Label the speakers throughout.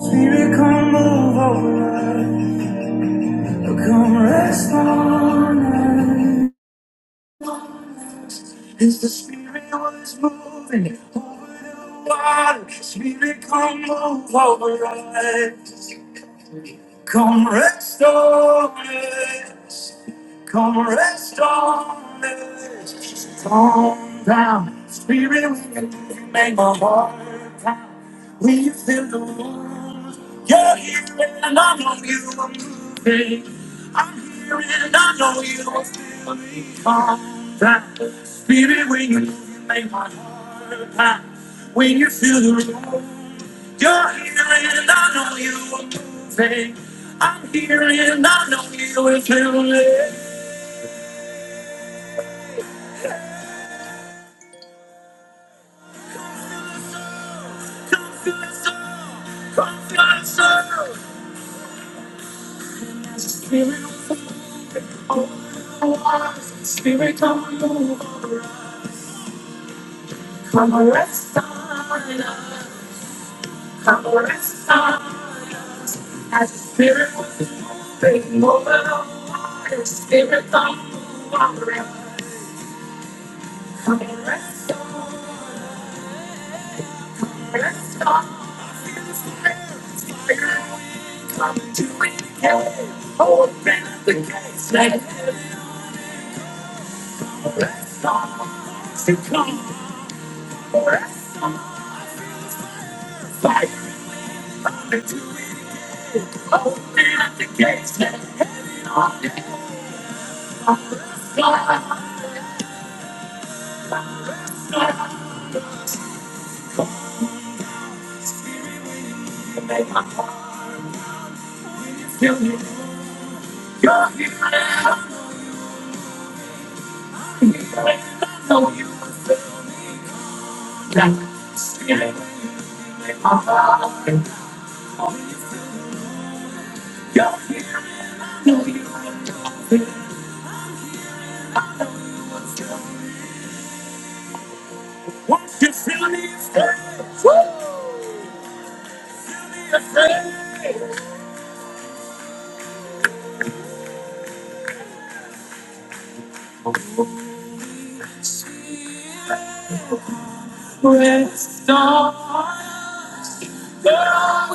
Speaker 1: Spirit, come move over Come rest on us. As the Spirit was moving over the water, Spirit, come move over us. Come rest on us. Come rest on me. Calm down. Spirit, you make my heart pound. When you feel the wounds, you're here and I know you are moving. I'm here and I know you are feeling. Calm down. Spirit, when you move, you make my heart pound. When you feel the wounds, you're here and I know you are moving. I'm here and I know you are feel Spirit on over, come and rest on us, come and rest on us. As the spirit was moving over the water, spirit on over, come and rest on, rest on. us. Feel the spirit, fire, come to the open up the gates, let heaven rest on us. To come. You're all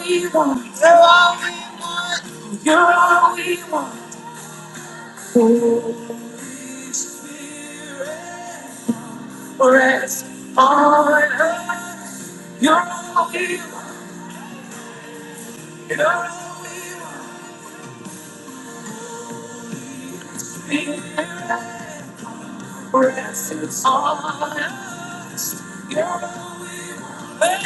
Speaker 1: we want, girl, we want. Rest on her. You're here. You're here. Press on her. You're there.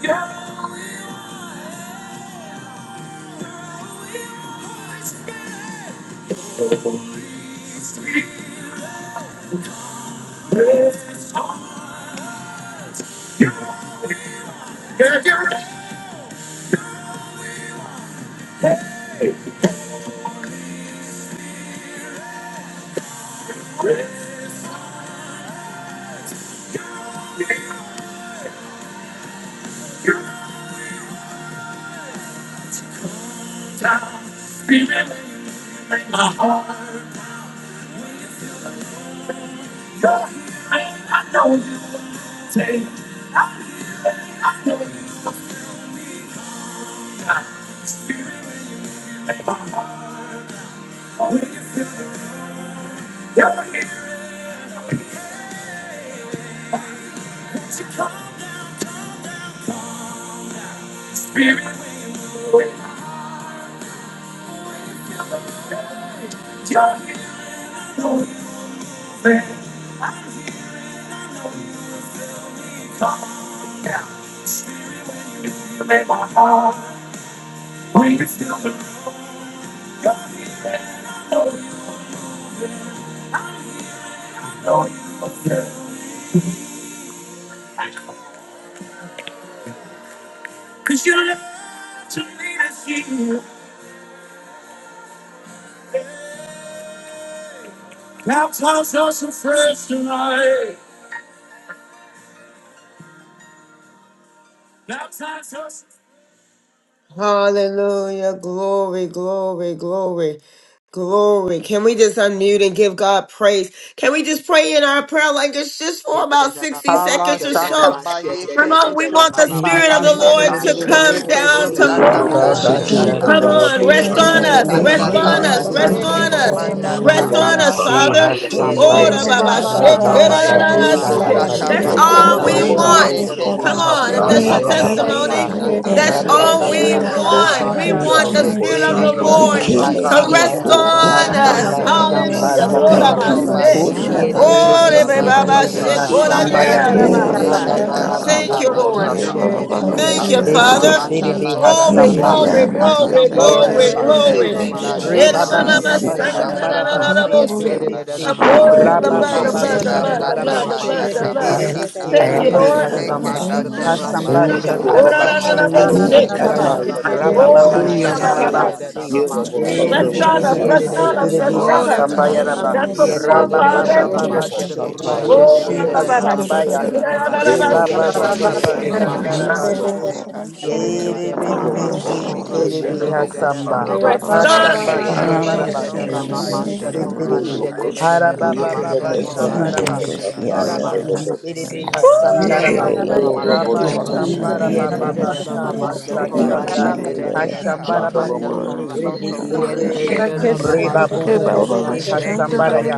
Speaker 1: You're, you're, you're, you're there. You're down. Remember you in my heart. You're here. And I know you will take. I'm here now. Spirit in my heart. Will you feel it? You're here. Won't you come? Spirit, will you feel it? You're here. I know you will. Cause you love to me to see you. Baptize us afresh tonight. Baptize us. Hallelujah. Glory, glory, glory. Glory. Can we just unmute and give God praise? Can we just pray in our prayer language just for
Speaker 2: Yeah,
Speaker 1: about 60
Speaker 3: Yada
Speaker 4: Ala
Speaker 1: seconds or so?
Speaker 4: shaka ba
Speaker 1: Come
Speaker 4: yeke
Speaker 1: on, we
Speaker 4: busho
Speaker 1: want the
Speaker 5: Thank
Speaker 1: Spirit of
Speaker 4: kumbala
Speaker 1: the
Speaker 5: you,
Speaker 1: Lord
Speaker 4: tata.
Speaker 6: Thank
Speaker 1: to come
Speaker 4: Eke
Speaker 1: down, to
Speaker 4: busha
Speaker 7: Ora
Speaker 8: Yellow
Speaker 4: kanda
Speaker 1: move.
Speaker 4: kata
Speaker 9: Ye
Speaker 1: Come
Speaker 9: koro
Speaker 4: kama.
Speaker 1: on,
Speaker 9: shande
Speaker 1: rest
Speaker 9: re do
Speaker 1: on
Speaker 10: Rabashatarabasi
Speaker 4: Eke
Speaker 9: ro
Speaker 1: us,
Speaker 9: ro
Speaker 4: kasha
Speaker 1: rest on
Speaker 9: shande
Speaker 4: kama
Speaker 1: us,
Speaker 4: na
Speaker 1: rest
Speaker 9: si ye
Speaker 1: on
Speaker 4: koko
Speaker 1: us,
Speaker 9: koro
Speaker 4: manda
Speaker 9: shande.
Speaker 1: rest
Speaker 6: you.
Speaker 4: taka
Speaker 1: on us,
Speaker 10: Urubushi
Speaker 4: bashaka.
Speaker 1: Father.
Speaker 9: Re
Speaker 1: Oh,
Speaker 9: ro
Speaker 10: Hasambaya
Speaker 1: da, ba,
Speaker 4: Eke
Speaker 9: ro
Speaker 1: ba, shit,
Speaker 9: shande
Speaker 4: bashaka
Speaker 1: da,
Speaker 9: ye
Speaker 4: ba
Speaker 1: da, da,
Speaker 10: Rabababa
Speaker 9: koro
Speaker 4: yeke
Speaker 1: da, shit.
Speaker 9: shande
Speaker 4: bashaka
Speaker 9: si
Speaker 1: That's
Speaker 10: Sambarabasi
Speaker 9: ro ro ro
Speaker 1: all
Speaker 4: masaka.
Speaker 1: we
Speaker 9: shande re
Speaker 1: want.
Speaker 9: re
Speaker 4: Eke
Speaker 10: Rebabushi
Speaker 9: koro
Speaker 1: Come on, if
Speaker 4: bashaka
Speaker 1: that's
Speaker 9: shande.
Speaker 4: ba
Speaker 1: your
Speaker 10: Hasambaya
Speaker 4: yeke
Speaker 10: Rabasa
Speaker 1: testimony.
Speaker 9: Re
Speaker 4: bashaka
Speaker 9: ro
Speaker 1: That's
Speaker 4: ba
Speaker 9: ro ro
Speaker 1: all
Speaker 4: yeke
Speaker 1: we
Speaker 10: Ratabasa
Speaker 9: shande re re
Speaker 4: bashaka.
Speaker 1: want. We
Speaker 9: koro
Speaker 10: Tarabashia
Speaker 1: want the
Speaker 9: shande
Speaker 1: Spirit
Speaker 4: Eke
Speaker 1: of
Speaker 9: si
Speaker 1: the
Speaker 9: koro
Speaker 10: Erebisi
Speaker 4: bashaka
Speaker 1: Lord
Speaker 4: ba
Speaker 9: shande.
Speaker 1: to
Speaker 3: Thank
Speaker 10: Hasamba
Speaker 4: yeke
Speaker 1: rest on
Speaker 4: bashaka ba
Speaker 1: us.
Speaker 10: Hasamba
Speaker 9: Ra ro
Speaker 4: yeke.
Speaker 9: ro ro
Speaker 1: Hallelujah. Glory
Speaker 9: shande
Speaker 1: to
Speaker 9: ye
Speaker 1: my
Speaker 4: Oko ba
Speaker 9: koro
Speaker 1: sin.
Speaker 10: Shambarababababashi
Speaker 2: yeah,
Speaker 5: Kori
Speaker 4: yeke
Speaker 9: shande si
Speaker 1: Oh,
Speaker 5: Abakasa
Speaker 1: de
Speaker 4: bashaka
Speaker 1: be
Speaker 10: Erebisi
Speaker 9: ye
Speaker 4: ba
Speaker 1: ba
Speaker 9: ro
Speaker 1: ba
Speaker 5: Yabaka.
Speaker 9: ro
Speaker 10: Terebi
Speaker 4: yeke
Speaker 9: ro
Speaker 1: she, kora di
Speaker 9: shande
Speaker 4: bashaka.
Speaker 1: ya
Speaker 9: re
Speaker 1: da
Speaker 10: Hasambaya
Speaker 1: da ba
Speaker 9: koro
Speaker 5: Ele
Speaker 1: sa.
Speaker 4: Heke
Speaker 5: la
Speaker 9: shande
Speaker 4: basha
Speaker 9: si.
Speaker 5: mano
Speaker 1: Thank
Speaker 10: Rababababa
Speaker 1: you,
Speaker 5: ko
Speaker 4: kamata
Speaker 1: Lord.
Speaker 5: usi
Speaker 9: Ro
Speaker 5: ti
Speaker 4: kamata.
Speaker 10: Shuhurubushi
Speaker 9: koro
Speaker 1: Thank you,
Speaker 5: lebra.
Speaker 9: shande
Speaker 10: Ese
Speaker 1: Father.
Speaker 4: Hasha
Speaker 9: si
Speaker 10: Terebi
Speaker 4: kabasha
Speaker 9: koro
Speaker 5: E
Speaker 1: Glory,
Speaker 10: Hasamba
Speaker 9: shande.
Speaker 1: glory,
Speaker 5: ya
Speaker 4: kabasha
Speaker 1: glory,
Speaker 5: mano
Speaker 4: kabasha.
Speaker 10: Hasambaya
Speaker 1: glory,
Speaker 9: Re ro
Speaker 10: Rabasi
Speaker 1: glory.
Speaker 9: ro
Speaker 4: Heke
Speaker 9: ro
Speaker 4: basha
Speaker 1: Eh,
Speaker 9: shande
Speaker 1: da
Speaker 10: Reba
Speaker 1: ba
Speaker 9: si
Speaker 1: ba
Speaker 4: kaba
Speaker 10: baba
Speaker 5: Thank
Speaker 1: ba
Speaker 5: you,
Speaker 9: koro
Speaker 10: baba
Speaker 1: sa,
Speaker 4: yeke
Speaker 5: God.
Speaker 1: na
Speaker 5: Thank
Speaker 1: da
Speaker 9: shande.
Speaker 1: da
Speaker 4: basha
Speaker 10: shambara
Speaker 1: da
Speaker 5: you,
Speaker 1: da da
Speaker 5: Lord.
Speaker 4: kaba
Speaker 10: basi
Speaker 1: bo she.
Speaker 4: yeke basha
Speaker 10: terebisi.
Speaker 4: ta.
Speaker 1: Oh, the
Speaker 10: Raba
Speaker 9: Hallelujah,
Speaker 8: Yellow
Speaker 1: blood, the
Speaker 10: baba
Speaker 8: Robo
Speaker 1: blood,
Speaker 4: Heke
Speaker 7: Baba.
Speaker 1: the
Speaker 9: Sunday,
Speaker 1: blood,
Speaker 4: basha
Speaker 1: the
Speaker 10: shambara
Speaker 8: Shandala
Speaker 1: blood,
Speaker 5: Ikililililabakosha.
Speaker 9: Corruption.
Speaker 1: the
Speaker 4: kaba
Speaker 10: basi.
Speaker 4: ya
Speaker 1: blood, the
Speaker 11: I
Speaker 1: blood.
Speaker 4: kabasha
Speaker 10: Erebisi
Speaker 4: ka.
Speaker 1: Thank you,
Speaker 11: am
Speaker 10: terebi
Speaker 1: Lord.
Speaker 11: also.
Speaker 4: Heke
Speaker 10: hasamba.
Speaker 9: Hallelujah,
Speaker 4: basha
Speaker 11: Oh
Speaker 5: Iyananabakosha.
Speaker 10: Hasamba
Speaker 9: Sunday,
Speaker 4: kamalo toko
Speaker 10: shatara
Speaker 1: Ora
Speaker 8: Robo
Speaker 4: ba
Speaker 1: na na
Speaker 9: Corruption.
Speaker 1: na
Speaker 10: basi.
Speaker 4: yeke.
Speaker 9: Still
Speaker 1: bosse
Speaker 10: Hashatara
Speaker 1: kaba.
Speaker 10: ba.
Speaker 9: Russian.
Speaker 8: Satire,
Speaker 10: Raba
Speaker 4: Hoko ba
Speaker 10: baba
Speaker 1: Ora
Speaker 11: yes,
Speaker 4: yeke
Speaker 1: ba
Speaker 5: Yekalabakosha.
Speaker 1: ba
Speaker 10: shambara
Speaker 4: ba
Speaker 11: Lord.
Speaker 1: ba.
Speaker 4: ya
Speaker 10: basi.
Speaker 9: Is it
Speaker 4: kabashi.
Speaker 1: Rest on us, rest
Speaker 5: Mm.
Speaker 4: Oshoko
Speaker 10: Erebisi
Speaker 1: on
Speaker 4: ba
Speaker 9: Corruption
Speaker 1: us,
Speaker 10: terebi
Speaker 1: rest
Speaker 4: yeke
Speaker 11: Oh,
Speaker 1: on
Speaker 9: still
Speaker 11: that
Speaker 1: us.
Speaker 11: was
Speaker 10: hasamba
Speaker 4: basha
Speaker 11: so
Speaker 10: yaraba.
Speaker 9: Russian
Speaker 4: kaba
Speaker 1: That's
Speaker 3: you.
Speaker 1: what
Speaker 2: yeah,
Speaker 1: we
Speaker 11: good.
Speaker 2: da
Speaker 4: yeke.
Speaker 2: da
Speaker 1: want,
Speaker 8: Robo
Speaker 2: da
Speaker 10: Raba
Speaker 2: da da da
Speaker 10: baba
Speaker 9: Corruption
Speaker 1: Father.
Speaker 9: day.
Speaker 2: da
Speaker 4: Oko
Speaker 2: ma
Speaker 5: Mhm.
Speaker 10: baba
Speaker 2: sha
Speaker 4: ba
Speaker 2: da korra
Speaker 10: shuhuru
Speaker 4: yeke
Speaker 11: I'm
Speaker 4: ba
Speaker 2: sha
Speaker 11: not
Speaker 2: da
Speaker 1: Oh,
Speaker 2: da
Speaker 1: la,
Speaker 10: bushi
Speaker 11: seeing
Speaker 2: da
Speaker 1: la,
Speaker 4: yaka
Speaker 2: da
Speaker 1: la,
Speaker 4: ba
Speaker 2: da
Speaker 1: la. na
Speaker 11: you.
Speaker 2: da ma
Speaker 10: hasamba ya.
Speaker 4: sheke
Speaker 2: sha da
Speaker 4: ba
Speaker 1: na
Speaker 2: korra.
Speaker 1: na. la,
Speaker 4: shaka.
Speaker 9: Russian
Speaker 10: Reba
Speaker 2: Yeah, da
Speaker 9: day,
Speaker 2: da
Speaker 10: baba
Speaker 11: i
Speaker 2: da da
Speaker 4: Eke
Speaker 2: da
Speaker 9: is
Speaker 10: baba
Speaker 2: da
Speaker 4: ba
Speaker 9: in
Speaker 2: da ma
Speaker 4: shaka
Speaker 5: Mhm.
Speaker 2: sha
Speaker 10: satara
Speaker 2: da
Speaker 4: ba
Speaker 2: korra.
Speaker 9: day,
Speaker 10: basi.
Speaker 4: yeke ba
Speaker 2: Yeah, da
Speaker 9: Corruption
Speaker 4: choko
Speaker 2: da da
Speaker 4: ba
Speaker 9: day,
Speaker 2: da da da
Speaker 11: oh
Speaker 4: nanda.
Speaker 2: ma
Speaker 3: Yeah.
Speaker 11: not
Speaker 2: sha da
Speaker 11: so
Speaker 2: korra
Speaker 11: good.
Speaker 4: Eke
Speaker 2: sha
Speaker 4: ba
Speaker 11: I'm
Speaker 10: Hiribibisikiribi
Speaker 9: still
Speaker 2: da da da
Speaker 4: shaka
Speaker 2: da
Speaker 4: ba
Speaker 10: Hasamba.
Speaker 2: da
Speaker 9: Russian
Speaker 2: da
Speaker 9: day.
Speaker 2: ma
Speaker 4: yeke
Speaker 1: Rest
Speaker 2: sha da
Speaker 4: ba
Speaker 2: korra.
Speaker 1: on.
Speaker 10: Hasamba
Speaker 4: shaka.
Speaker 2: Yeah, da da
Speaker 8: Robo
Speaker 11: not
Speaker 2: da
Speaker 10: Shambaraba.
Speaker 2: da da da
Speaker 4: Oko
Speaker 2: da
Speaker 4: ba
Speaker 9: Russian
Speaker 2: ma
Speaker 9: day,
Speaker 2: sha da
Speaker 11: seeing
Speaker 4: yeke ba
Speaker 2: korra
Speaker 10: Hiribisikidibi.
Speaker 2: sha
Speaker 9: Corruption.
Speaker 4: shaka
Speaker 2: da da
Speaker 4: ba
Speaker 2: da
Speaker 4: she.
Speaker 2: da da da ma sha
Speaker 10: Harabababa
Speaker 2: da
Speaker 5: Mhm.
Speaker 4: Oko
Speaker 2: korra
Speaker 4: ba
Speaker 2: sha
Speaker 10: Shambaraba.
Speaker 2: da
Speaker 11: you.
Speaker 2: da
Speaker 4: yeke
Speaker 9: Russian
Speaker 2: da da
Speaker 4: ba
Speaker 9: day,
Speaker 2: da da
Speaker 5: Yekalabakosha.
Speaker 10: Yaraba
Speaker 2: ma
Speaker 4: shaka
Speaker 9: still
Speaker 2: sha.
Speaker 4: ba
Speaker 10: Sikiribi
Speaker 4: sheke.
Speaker 9: Russian day.
Speaker 10: Hasakaraba.
Speaker 4: Oko ba
Speaker 1: Woo!
Speaker 4: yeke
Speaker 10: Rabba
Speaker 4: ba
Speaker 8: Shandala
Speaker 5: Ikilililabakosha.
Speaker 9: Hallelujah,
Speaker 4: shaka ba
Speaker 10: Shambaraba
Speaker 9: Sunday,
Speaker 4: she.
Speaker 10: Baba
Speaker 5: Manenana.
Speaker 9: Corruption day, see
Speaker 4: Oko ba
Speaker 10: Sahasakata.
Speaker 9: Corruption
Speaker 4: yeke
Speaker 9: Day.
Speaker 4: ba shaka ba
Speaker 10: Hashambaraba
Speaker 5: Ikilililabakosha.
Speaker 4: she.
Speaker 8: Shandalomo Satire,
Speaker 4: Oko ba
Speaker 5: My
Speaker 10: Sikiribi.
Speaker 5: Lord,
Speaker 4: yeke
Speaker 5: my
Speaker 4: ba
Speaker 9: Yeroboshande
Speaker 5: God, I
Speaker 8: Lobo
Speaker 4: shaka
Speaker 10: Reba
Speaker 4: ba
Speaker 5: thank
Speaker 10: Bubu
Speaker 5: you,
Speaker 4: she.
Speaker 5: Lord,
Speaker 10: Bushi
Speaker 5: God
Speaker 9: Sirikoroshande
Speaker 5: of our
Speaker 10: Hasambaraya.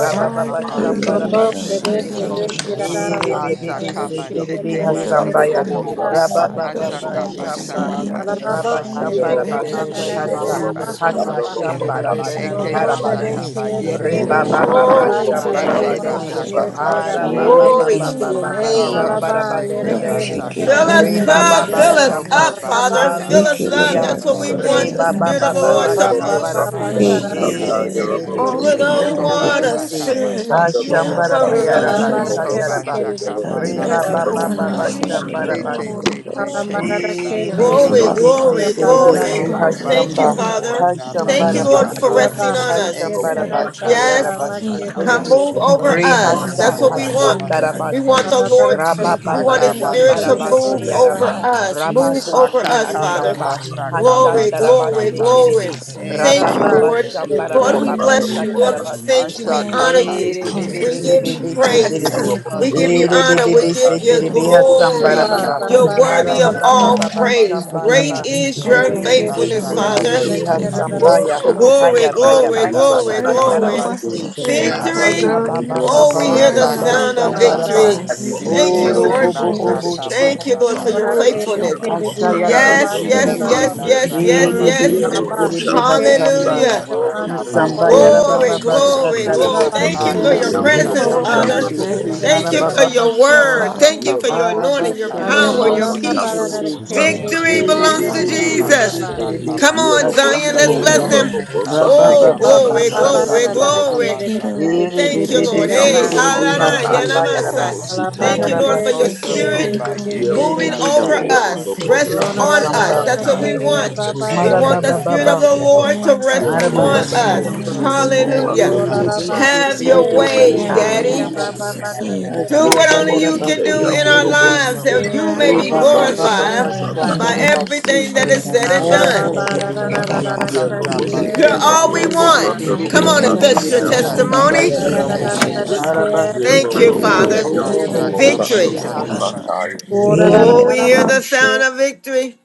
Speaker 10: Rababa Shambara
Speaker 7: Robo
Speaker 10: Basi
Speaker 9: Ekoroshande
Speaker 7: bere
Speaker 10: Tiribi.
Speaker 4: Eshekeka.
Speaker 7: bere kirara
Speaker 9: Siroboshande
Speaker 7: ba
Speaker 8: Sita,
Speaker 4: Ashakama
Speaker 7: kushik
Speaker 8: Yellow
Speaker 9: Rokoroshande
Speaker 10: Sitiribi
Speaker 7: tere
Speaker 4: chekema
Speaker 2: Yeah,
Speaker 7: kere
Speaker 4: choko
Speaker 10: Hasambaya.
Speaker 7: diri
Speaker 5: gosh.
Speaker 4: choko.
Speaker 7: kirara ba
Speaker 10: Rababa
Speaker 9: Arabashande
Speaker 4: Hashakaba
Speaker 10: Shamba.
Speaker 4: shakaba
Speaker 7: Malala ba
Speaker 10: Rabba
Speaker 4: shakama.
Speaker 9: Sikoroshande
Speaker 7: kushik na na
Speaker 10: Shambarabasi
Speaker 7: na
Speaker 9: Rokoroshande
Speaker 7: na na
Speaker 10: Hasa
Speaker 4: Hakosheke
Speaker 7: na mahala
Speaker 10: Hasa
Speaker 7: ba ha.
Speaker 4: bashakamantu.
Speaker 10: Shambarabasi
Speaker 4: Eke
Speaker 7: Robo bere
Speaker 9: Isinderoshande
Speaker 10: Harabasi
Speaker 4: bashakaba
Speaker 7: kere
Speaker 4: yeke
Speaker 7: kere
Speaker 10: Reba
Speaker 7: diri dere
Speaker 4: bashaka.
Speaker 9: Sikoroshande
Speaker 10: Baba
Speaker 7: ba
Speaker 1: Glory
Speaker 7: da
Speaker 1: to
Speaker 7: da
Speaker 1: your
Speaker 7: da da
Speaker 4: Eke
Speaker 1: name,
Speaker 7: ba
Speaker 9: Bokoroshande
Speaker 10: Shambarabasi
Speaker 1: Father.
Speaker 7: kere
Speaker 4: bashakaba
Speaker 7: diri da da
Speaker 3: Yeah.
Speaker 4: yeke
Speaker 10: Haraba
Speaker 7: ba
Speaker 9: Siroboshande
Speaker 10: Baba
Speaker 1: Glory
Speaker 4: bashi.
Speaker 1: to
Speaker 10: Baba
Speaker 1: your
Speaker 10: Baba
Speaker 1: name.
Speaker 4: Oko
Speaker 7: Hala ba yere
Speaker 10: Shambarabasi
Speaker 4: basheke
Speaker 7: kere
Speaker 10: Yerebe
Speaker 4: bashaka
Speaker 7: kere
Speaker 1: Fill
Speaker 9: Dororoshande
Speaker 7: diri
Speaker 5: Shikelele
Speaker 1: us
Speaker 7: diri
Speaker 10: Reba
Speaker 4: basheke.
Speaker 7: diri
Speaker 1: up,
Speaker 5: bakushia
Speaker 10: Baba
Speaker 7: diri
Speaker 1: fill
Speaker 7: da
Speaker 1: us
Speaker 7: ba
Speaker 9: Rekoroshande
Speaker 5: baraka.
Speaker 4: Oko
Speaker 10: Shamba
Speaker 1: up,
Speaker 7: hala ba.
Speaker 1: Father.
Speaker 7: ha
Speaker 4: bashaka
Speaker 1: Fill us
Speaker 3: Yeah,
Speaker 9: Siroboshande
Speaker 1: up.
Speaker 5: Wikelele
Speaker 4: bashaka
Speaker 10: Hallelujah
Speaker 1: That's what we
Speaker 4: bashi.
Speaker 1: want
Speaker 9: Rokoroshande
Speaker 5: bakushia
Speaker 1: the
Speaker 10: Reba
Speaker 1: Spirit
Speaker 10: Baba
Speaker 1: of the
Speaker 7: Robo
Speaker 1: Lord
Speaker 10: Baba
Speaker 1: to
Speaker 5: ananana.
Speaker 4: Akaba
Speaker 8: Lobo
Speaker 1: move.
Speaker 10: Shambaraba
Speaker 7: kere
Speaker 4: sheke
Speaker 7: kere
Speaker 4: bashaka
Speaker 11: Yes.
Speaker 4: bashi.
Speaker 5: Ekelele
Speaker 9: Dororoshande
Speaker 7: diri
Speaker 1: All of
Speaker 7: diri
Speaker 5: bakushia.
Speaker 1: the
Speaker 7: diri
Speaker 4: Oko
Speaker 7: da
Speaker 5: Thank you,
Speaker 7: ba.
Speaker 9: Rekoroshande
Speaker 5: Lord.
Speaker 1: waters.
Speaker 10: Erebebebebebebebebebe
Speaker 4: bashaka
Speaker 5: Thank you,
Speaker 4: Basheke
Speaker 1: Move
Speaker 5: Father.
Speaker 10: Hashambaraba
Speaker 4: Bashi.
Speaker 5: Thank
Speaker 1: over
Speaker 5: you, Lord.
Speaker 9: Rekoroshande
Speaker 7: Hala
Speaker 10: Yaraba
Speaker 7: ba
Speaker 12: Thank
Speaker 5: Thank
Speaker 1: us.
Speaker 4: Oko
Speaker 5: you.
Speaker 7: kere
Speaker 10: Sataraba
Speaker 7: kere
Speaker 4: bashaka
Speaker 5: I
Speaker 8: Sandalomo
Speaker 5: did not
Speaker 10: Reba
Speaker 5: to
Speaker 1: Rest-
Speaker 5: my
Speaker 4: Mananda
Speaker 7: Roba
Speaker 10: Baba
Speaker 5: own
Speaker 10: Baba
Speaker 4: Tata.
Speaker 9: Hallelujah.
Speaker 5: understanding
Speaker 8: Satire.
Speaker 5: and in
Speaker 4: Te
Speaker 5: all my
Speaker 4: te
Speaker 10: Shambarabasi
Speaker 5: ways
Speaker 4: te te te
Speaker 9: Ikoroshan
Speaker 5: acknowledge.
Speaker 7: Alamarada
Speaker 4: ke
Speaker 9: des.
Speaker 10: Biri
Speaker 4: bata
Speaker 10: bibi
Speaker 5: Because
Speaker 7: keshede
Speaker 5: you
Speaker 7: de
Speaker 1: Glory,
Speaker 5: are
Speaker 10: bibi
Speaker 5: the
Speaker 4: kamata.
Speaker 9: Ikoroshan.
Speaker 10: si
Speaker 7: kede
Speaker 1: glory,
Speaker 5: Father,
Speaker 10: biri
Speaker 5: thy God,
Speaker 7: bararara
Speaker 10: bisi
Speaker 1: glory.
Speaker 5: and
Speaker 7: ba.
Speaker 5: you
Speaker 4: Oko
Speaker 5: are the
Speaker 1: Thank
Speaker 10: haşamba
Speaker 1: you,
Speaker 5: one who
Speaker 4: bashaka
Speaker 1: Father.
Speaker 4: mana
Speaker 9: Ikoroshan
Speaker 10: haşamba
Speaker 1: Thank
Speaker 9: des.
Speaker 5: tied
Speaker 1: you, Lord,
Speaker 4: bashaka
Speaker 5: upon the
Speaker 1: for
Speaker 10: rabasi
Speaker 4: kabam.
Speaker 5: cross
Speaker 1: resting
Speaker 7: Ayaba
Speaker 5: and you
Speaker 1: on
Speaker 9: Ikoroshan.
Speaker 5: say that
Speaker 7: heke
Speaker 10: haşamba
Speaker 1: us.
Speaker 5: good
Speaker 4: Eke
Speaker 5: day to
Speaker 7: tere
Speaker 5: go
Speaker 10: rabasi
Speaker 7: da
Speaker 4: bata
Speaker 5: Lord.
Speaker 1: Yes,
Speaker 7: orama
Speaker 10: yarabasi
Speaker 4: kamata
Speaker 7: kere de
Speaker 10: biri
Speaker 1: come
Speaker 10: bi
Speaker 4: kamata
Speaker 1: move
Speaker 7: kede
Speaker 9: Ikoroshan
Speaker 7: da
Speaker 5: Thank
Speaker 7: ba.
Speaker 1: over
Speaker 9: des.
Speaker 5: you for
Speaker 4: kamata
Speaker 1: us.
Speaker 10: rihasa
Speaker 1: That's
Speaker 5: loving
Speaker 1: what
Speaker 5: us.
Speaker 4: kamata
Speaker 1: we
Speaker 5: Thank
Speaker 1: want.
Speaker 9: Ikoroshan
Speaker 5: you,
Speaker 10: haşata
Speaker 5: God,
Speaker 4: kamata
Speaker 9: des.
Speaker 1: We
Speaker 10: rabasi
Speaker 1: want the
Speaker 4: kamata.
Speaker 7: Alabara
Speaker 9: Ikoroshan
Speaker 5: for
Speaker 1: Lord's,
Speaker 9: des.
Speaker 5: making
Speaker 1: we
Speaker 5: a
Speaker 7: karışe
Speaker 10: rabababa
Speaker 1: want
Speaker 5: way
Speaker 4: Aka
Speaker 1: His
Speaker 5: out of
Speaker 7: kere
Speaker 5: the
Speaker 10: şamba
Speaker 1: Spirit
Speaker 5: way.
Speaker 4: bache
Speaker 7: tere
Speaker 1: to
Speaker 4: ke
Speaker 7: de
Speaker 5: Thank
Speaker 7: de
Speaker 5: you.
Speaker 10: rabasi
Speaker 1: move
Speaker 7: de ba
Speaker 10: yaraba
Speaker 1: over
Speaker 7: ha.
Speaker 9: Thank you,
Speaker 1: us.
Speaker 5: For you
Speaker 9: Jesus.
Speaker 1: Move
Speaker 5: are the
Speaker 1: over
Speaker 9: Glory
Speaker 10: rabahuşi
Speaker 9: to
Speaker 5: way.
Speaker 4: Aka
Speaker 9: your
Speaker 1: us,
Speaker 5: This
Speaker 3: yeah,
Speaker 5: is
Speaker 9: name,
Speaker 1: Father.
Speaker 4: kana
Speaker 10: hasamba
Speaker 9: God.
Speaker 4: lasha
Speaker 1: Glory,
Speaker 4: kana
Speaker 9: Glory
Speaker 10: haşata
Speaker 9: to your
Speaker 1: glory,
Speaker 9: name,
Speaker 10: rabasi
Speaker 4: dasata.
Speaker 10: biri
Speaker 9: Jesus.
Speaker 10: bi
Speaker 1: glory.
Speaker 9: Hallelujah.
Speaker 1: Thank
Speaker 4: Eke
Speaker 1: you,
Speaker 4: ke
Speaker 7: Alaba
Speaker 10: rabababa
Speaker 1: Lord.
Speaker 4: ke
Speaker 7: hare
Speaker 10: şamba
Speaker 4: ke ke
Speaker 1: Lord,
Speaker 7: kere
Speaker 1: we
Speaker 4: ke
Speaker 7: de
Speaker 10: rabababa
Speaker 7: de
Speaker 4: ke
Speaker 1: bless you.
Speaker 7: de
Speaker 4: ke.
Speaker 7: ba.
Speaker 1: Lord,
Speaker 9: Hallelujah.
Speaker 1: we
Speaker 10: satarabasi
Speaker 1: thank you. We
Speaker 9: Bless
Speaker 1: honor
Speaker 9: your
Speaker 4: Asha
Speaker 9: name,
Speaker 1: you.
Speaker 10: Ere Ere
Speaker 1: We
Speaker 9: Jesus.
Speaker 1: give
Speaker 5: the
Speaker 10: Ere
Speaker 1: you praise.
Speaker 10: be
Speaker 1: We give
Speaker 9: Ikoroshan
Speaker 1: you
Speaker 10: Ere bebe
Speaker 1: honor. We
Speaker 10: bebe
Speaker 9: des.
Speaker 1: give you
Speaker 10: setere
Speaker 4: Ashakanamaseke,
Speaker 10: be
Speaker 9: Ikoroshan
Speaker 10: hasambara
Speaker 9: des.
Speaker 1: glory.
Speaker 7: Yaba
Speaker 10: baba.
Speaker 7: ba
Speaker 5: way.
Speaker 1: You're
Speaker 7: ba ba
Speaker 9: Ikoroshan.
Speaker 10: Ara
Speaker 7: re
Speaker 1: worthy
Speaker 7: de
Speaker 1: of
Speaker 10: baba baba
Speaker 7: kere
Speaker 1: all
Speaker 7: ba.
Speaker 10: baba
Speaker 1: praise.
Speaker 4: Akamasakamasakamasha,
Speaker 10: shambara
Speaker 1: Great
Speaker 10: ba.
Speaker 1: is your
Speaker 7: Ere
Speaker 4: Eke
Speaker 10: Ere
Speaker 7: kere
Speaker 10: be
Speaker 7: de
Speaker 1: faithfulness,
Speaker 9: Okoroshan
Speaker 7: kere
Speaker 10: setere
Speaker 9: des.
Speaker 1: Father.
Speaker 7: da
Speaker 10: be
Speaker 7: kere
Speaker 4: Masakamasaka,
Speaker 7: da
Speaker 5: Mhm.
Speaker 7: ro bo
Speaker 10: hasambaya.
Speaker 1: Ooh,
Speaker 9: Ikoroshan
Speaker 7: koşe.
Speaker 1: glory,
Speaker 10: Haya baya
Speaker 1: glory,
Speaker 10: bara
Speaker 1: glory,
Speaker 10: basatara
Speaker 4: Akamasakama,
Speaker 1: glory.
Speaker 10: basi.
Speaker 9: Irrigation is
Speaker 10: re
Speaker 4: Eke
Speaker 1: Victory.
Speaker 10: ba ba
Speaker 1: Oh, we hear the sound of
Speaker 7: Alarara
Speaker 10: ba
Speaker 4: Osakamasaka,
Speaker 1: victory.
Speaker 7: kere
Speaker 1: Thank
Speaker 9: irrigation
Speaker 1: you,
Speaker 7: de
Speaker 10: haya
Speaker 7: ba.
Speaker 4: Eke
Speaker 10: bo
Speaker 1: Lord.
Speaker 10: bo
Speaker 9: corruption
Speaker 10: bo
Speaker 8: Robot,
Speaker 10: bo
Speaker 9: is
Speaker 10: shi
Speaker 1: Thank you, Lord, for
Speaker 9: corruption.
Speaker 1: your
Speaker 7: Ora
Speaker 10: hasambara ba.
Speaker 7: kere
Speaker 1: faithfulness.
Speaker 8: Yellow
Speaker 7: kere de
Speaker 8: Bosita,
Speaker 4: Masakamasakamasakamasaka,
Speaker 10: Ashaya
Speaker 7: da ba
Speaker 1: Yes,
Speaker 8: Yellow
Speaker 10: basi
Speaker 7: da
Speaker 9: Corruption
Speaker 1: yes,
Speaker 10: setere
Speaker 7: da
Speaker 4: Eke
Speaker 9: is
Speaker 10: be
Speaker 1: yes,
Speaker 7: ba.
Speaker 8: Bosita,
Speaker 1: yes, yes,
Speaker 9: corruption.
Speaker 10: tiribi, iribi si
Speaker 4: Masakamaseke,
Speaker 8: Yellow
Speaker 7: Rabba,
Speaker 1: yes.
Speaker 10: be
Speaker 9: Irrigation is.
Speaker 4: Eke
Speaker 10: hasamba.
Speaker 7: Bekeshi,
Speaker 8: Bosita,
Speaker 1: Hallelujah.
Speaker 7: Tamanda
Speaker 10: Samba
Speaker 7: Robo,
Speaker 10: yara
Speaker 9: Thank you,
Speaker 1: Glory,
Speaker 10: baba
Speaker 9: Jesus.
Speaker 4: Masakamasakamasaka,
Speaker 10: basa
Speaker 1: glory,
Speaker 9: Glory to your
Speaker 1: glory.
Speaker 10: taraba.
Speaker 7: Tararaba,
Speaker 1: Thank
Speaker 9: name,
Speaker 1: you for
Speaker 9: God.
Speaker 7: Sherede,
Speaker 1: your
Speaker 10: Ere
Speaker 4: Hakamanta
Speaker 7: Kerede,
Speaker 1: presence,
Speaker 10: besi tere
Speaker 1: Father.
Speaker 9: Glory to
Speaker 7: Tararaba,
Speaker 9: your
Speaker 4: kamashite
Speaker 10: besi
Speaker 9: name,
Speaker 1: Thank
Speaker 10: hara
Speaker 1: you
Speaker 7: Kerede,
Speaker 9: Jesus.
Speaker 1: for
Speaker 4: mashite.
Speaker 10: baba
Speaker 7: Rabba,
Speaker 1: your
Speaker 10: bashamba.
Speaker 1: word.
Speaker 4: Osho
Speaker 1: Thank you
Speaker 8: Yellow
Speaker 1: for your
Speaker 10: Hara
Speaker 1: anointing,
Speaker 4: kamanana
Speaker 1: your
Speaker 10: basha
Speaker 7: Haya
Speaker 4: kata
Speaker 1: power,
Speaker 10: taraba
Speaker 1: your
Speaker 7: Baba,
Speaker 9: Hallelujah,
Speaker 10: se
Speaker 7: Baba,
Speaker 4: kamanda.
Speaker 1: peace.
Speaker 10: tere
Speaker 7: Rada,
Speaker 9: Jesus.
Speaker 10: be.
Speaker 9: Glory
Speaker 7: Kerede,
Speaker 9: to you,
Speaker 1: Victory
Speaker 4: Eke
Speaker 10: Ere
Speaker 7: Kerede,
Speaker 3: yeah.
Speaker 1: belongs
Speaker 10: be
Speaker 9: Jesus.
Speaker 1: to
Speaker 4: mana
Speaker 10: be be be
Speaker 7: Kerede,
Speaker 10: se
Speaker 4: kamana
Speaker 1: Jesus.
Speaker 7: Rabba,
Speaker 10: tere
Speaker 1: Come
Speaker 10: besi
Speaker 1: on,
Speaker 4: sakamantaka.
Speaker 1: Zion,
Speaker 10: hasamba
Speaker 1: let's
Speaker 10: yara
Speaker 1: bless
Speaker 10: ba.
Speaker 1: him.
Speaker 4: Eke
Speaker 9: Thank you,
Speaker 10: Raba
Speaker 9: Jesus.
Speaker 7: Haya
Speaker 1: Oh,
Speaker 4: mashaka
Speaker 10: baba
Speaker 7: Baba,
Speaker 1: glory,
Speaker 4: manike
Speaker 7: Baba,
Speaker 10: bashamba
Speaker 1: glory,
Speaker 10: raba
Speaker 7: Rada,
Speaker 4: masaka
Speaker 10: se.
Speaker 1: glory.
Speaker 7: Kerede,
Speaker 4: mashaka.
Speaker 10: Ere be
Speaker 1: Thank
Speaker 9: Irrigation
Speaker 1: you,
Speaker 10: be
Speaker 7: Kerede,
Speaker 9: is
Speaker 10: be
Speaker 1: Lord.
Speaker 10: se
Speaker 4: Eke
Speaker 1: Hey,
Speaker 7: Rabba,
Speaker 10: tere be
Speaker 9: corruption.
Speaker 1: halana,
Speaker 4: mashaka
Speaker 10: hasamba yara ba.
Speaker 4: mashike
Speaker 1: yanamasa.
Speaker 4: mashi.
Speaker 1: Thank
Speaker 7: Alabara,
Speaker 1: you,
Speaker 10: Hayara
Speaker 1: Lord,
Speaker 10: ba
Speaker 1: for your
Speaker 10: se
Speaker 7: Kerede,
Speaker 9: Irrigation
Speaker 4: Osho
Speaker 10: tere be.
Speaker 1: spirit
Speaker 9: is
Speaker 4: koba
Speaker 7: Kerede,
Speaker 4: yeke
Speaker 10: Ere
Speaker 1: moving
Speaker 9: corruption.
Speaker 10: be be
Speaker 1: over
Speaker 10: be
Speaker 4: mataka
Speaker 10: se
Speaker 1: us.
Speaker 3: Yeah,
Speaker 10: tere be
Speaker 1: Rest
Speaker 4: mashike
Speaker 7: Rola,
Speaker 1: on
Speaker 9: Yes,
Speaker 4: manda
Speaker 9: Lord.
Speaker 1: us.
Speaker 10: hasamba.
Speaker 1: That's
Speaker 7: Labara,
Speaker 1: what
Speaker 4: saka.
Speaker 1: we
Speaker 9: Have your
Speaker 7: Kaya,
Speaker 1: want.
Speaker 9: way,
Speaker 7: Baba,
Speaker 1: We
Speaker 9: Jesus.
Speaker 10: Mara
Speaker 8: Bosita,
Speaker 7: Baba,
Speaker 4: Eke
Speaker 1: want the
Speaker 10: baba
Speaker 7: Rada,
Speaker 1: spirit
Speaker 4: manda
Speaker 10: baba.
Speaker 1: of the
Speaker 4: koko
Speaker 7: Kerede,
Speaker 1: Lord to
Speaker 9: Have your
Speaker 4: manda
Speaker 1: rest
Speaker 9: way, God.
Speaker 1: on
Speaker 10: Arababa
Speaker 4: koko
Speaker 7: Rabba,
Speaker 8: Yerobosita,
Speaker 1: us.
Speaker 4: koko.
Speaker 10: Samba.
Speaker 9: Hallelujah. Hallelujah.
Speaker 4: Eke
Speaker 8: Yerobosanda,
Speaker 1: Hallelujah.
Speaker 10: Tere besi
Speaker 8: Lomosata,
Speaker 4: mataka
Speaker 1: Have
Speaker 7: Shalom,
Speaker 10: tere
Speaker 1: your
Speaker 10: besi
Speaker 1: way,
Speaker 9: Have
Speaker 8: Yerobosita,
Speaker 9: your way,
Speaker 1: Daddy.
Speaker 10: hasamba,
Speaker 9: Jesus. Hallelujah.
Speaker 1: Do what
Speaker 4: mas.
Speaker 10: hasamba
Speaker 1: only you can
Speaker 8: Yerobosita,
Speaker 1: do
Speaker 10: Arababashamba,
Speaker 1: in our
Speaker 10: Erebesi,
Speaker 1: lives
Speaker 8: Yerobosita,
Speaker 1: that
Speaker 8: Yerobosanda,
Speaker 1: you
Speaker 4: Oshokunda
Speaker 1: may
Speaker 10: Terebesi, Hashamba, Hashamba, Yarabasi, Terebe,
Speaker 1: be
Speaker 4: kokokoma.
Speaker 1: glorified
Speaker 8: Lomosata,
Speaker 10: Rebabababashamba,
Speaker 1: by
Speaker 8: Yerobosita,
Speaker 5: Mhm.
Speaker 9: Okoroshandere
Speaker 10: Rabasi,
Speaker 1: everything that is said
Speaker 5: Mhm.
Speaker 1: and
Speaker 4: Oshakamas.
Speaker 1: done.
Speaker 9: sihireroshandere
Speaker 10: Arabashamba,
Speaker 9: rekoroshan.
Speaker 10: Rabasi,
Speaker 4: Oshakanda
Speaker 10: Terebe,
Speaker 1: You're
Speaker 5: Yabakasikiliro.
Speaker 8: Yerobosanda,
Speaker 4: bashaka
Speaker 1: all
Speaker 12: you.
Speaker 1: we
Speaker 4: mata.
Speaker 1: want. Come on,
Speaker 10: Erebebebebesi,
Speaker 8: Lomosata,
Speaker 1: if
Speaker 4: Heke
Speaker 1: that's your
Speaker 10: Terebe,
Speaker 4: machaka
Speaker 10: Hashamba,
Speaker 9: Hireroshandere
Speaker 1: testimony.
Speaker 8: Yerobosita,
Speaker 10: Yaraba,
Speaker 4: basheke
Speaker 13: Sifa
Speaker 5: Rekilelabakushamananananakusaya.
Speaker 13: ni
Speaker 4: mashaka.
Speaker 9: sihikoroshandere.
Speaker 13: pepe,
Speaker 10: Arabasi,
Speaker 1: Thank you,
Speaker 13: rapara
Speaker 8: Yerobosita,
Speaker 10: Terebe,
Speaker 13: ya
Speaker 1: Father.
Speaker 4: Heke
Speaker 5: Rekilibroku.
Speaker 10: Robo,
Speaker 13: mtu ya
Speaker 4: mashaka
Speaker 8: Yerobosanda,
Speaker 9: Okoroshandere
Speaker 1: Victory.
Speaker 10: Bobo,
Speaker 13: pepe,
Speaker 5: Okushiaba.
Speaker 4: mashaka
Speaker 8: Lomosata,
Speaker 13: mtu
Speaker 4: masheke.
Speaker 13: ya
Speaker 1: Oh,
Speaker 9: sihireroshandere.
Speaker 1: we hear the sound of victory.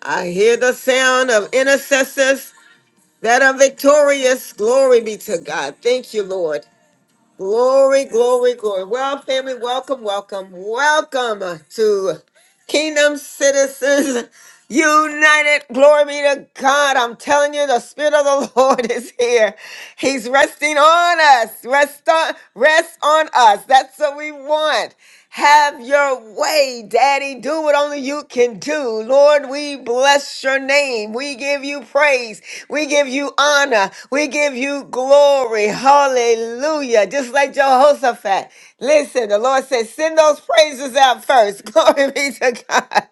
Speaker 1: I hear the sound of intercessors that are victorious. Glory be to God. Thank you, Lord. Glory, glory, glory. Well, family, welcome, welcome, welcome to Kingdom Citizens United, glory be to God. I'm telling you, the Spirit of the Lord is here. He's resting on us. Rest on, rest on us. That's what we want. Have your way, Daddy. Do what only you can do. Lord, we bless your name. We give you praise. We give you honor. We give you glory. Hallelujah. Just like Jehoshaphat. Listen, the Lord said, send those praises out first. Glory be to God.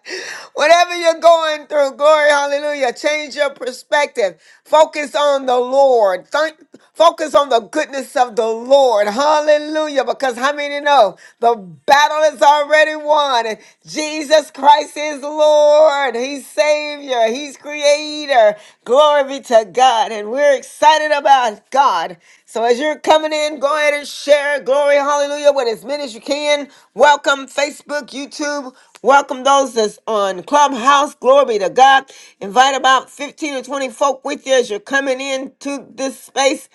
Speaker 1: Whatever Whatever you're going through, glory, hallelujah, change your perspective. Focus on the Lord. Thank- Focus on the goodness of the Lord. Hallelujah. Because how many know the battle is already won? And Jesus Christ is Lord. He's Savior. He's Creator. Glory be to God. And we're excited about God. So as you're coming in, go ahead and share glory, hallelujah, with as many as you can. Welcome, Facebook, YouTube. Welcome those that's on Clubhouse. Glory to God. Invite about 15 or 20 folk with you as you're coming into this space.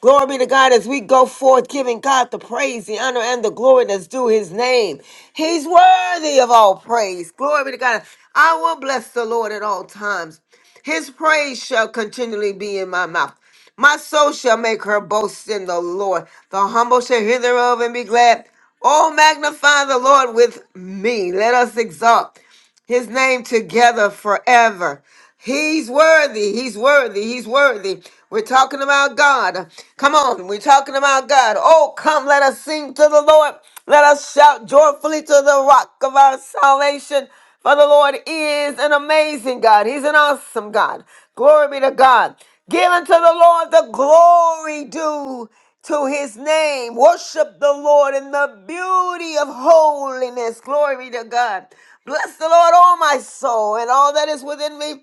Speaker 1: Glory be to God as we go forth, giving God the praise, the honor, and the glory that's due his name. He's worthy of all praise. Glory be to God. I will bless the Lord at all times. His praise shall continually be in my mouth. My soul shall make her boast in the Lord. The humble shall hear thereof and be glad. Oh, magnify the Lord with me. Let us exalt his name together forever. He's worthy. He's worthy. He's worthy. We're talking about God. Come on. We're talking about God. Oh, come. Let us sing to the Lord. Let us shout joyfully to the rock of our salvation. For the Lord is an amazing God. He's an awesome God. Glory be to God. Give unto the Lord the glory due to his name. Worship the Lord in the beauty of holiness. Glory be to God. Bless the Lord, all my soul, and all that is within me.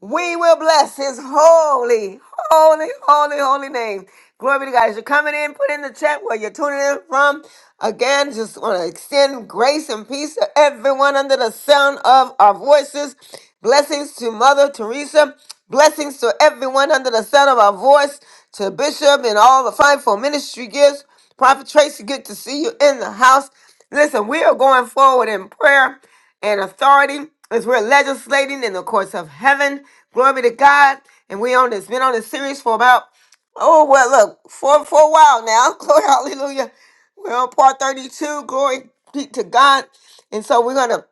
Speaker 1: We will bless his holy, holy, holy, holy name. Glory be to God. As you're coming in, put in the chat where you're tuning in from. Again, just want to extend grace and peace to everyone under the sound of our voices. Blessings to Mother Teresa. Blessings to everyone under the sound of our voice to Bishop and all the fivefold ministry gifts. Prophet Tracy, good to see you in the house. Listen, we are going forward in prayer and authority as we're legislating in the courts of heaven. Glory be to God. And we on this been on this series for about oh well look for for a while now. Glory hallelujah. We're on part 32. Glory be to God. And so we're gonna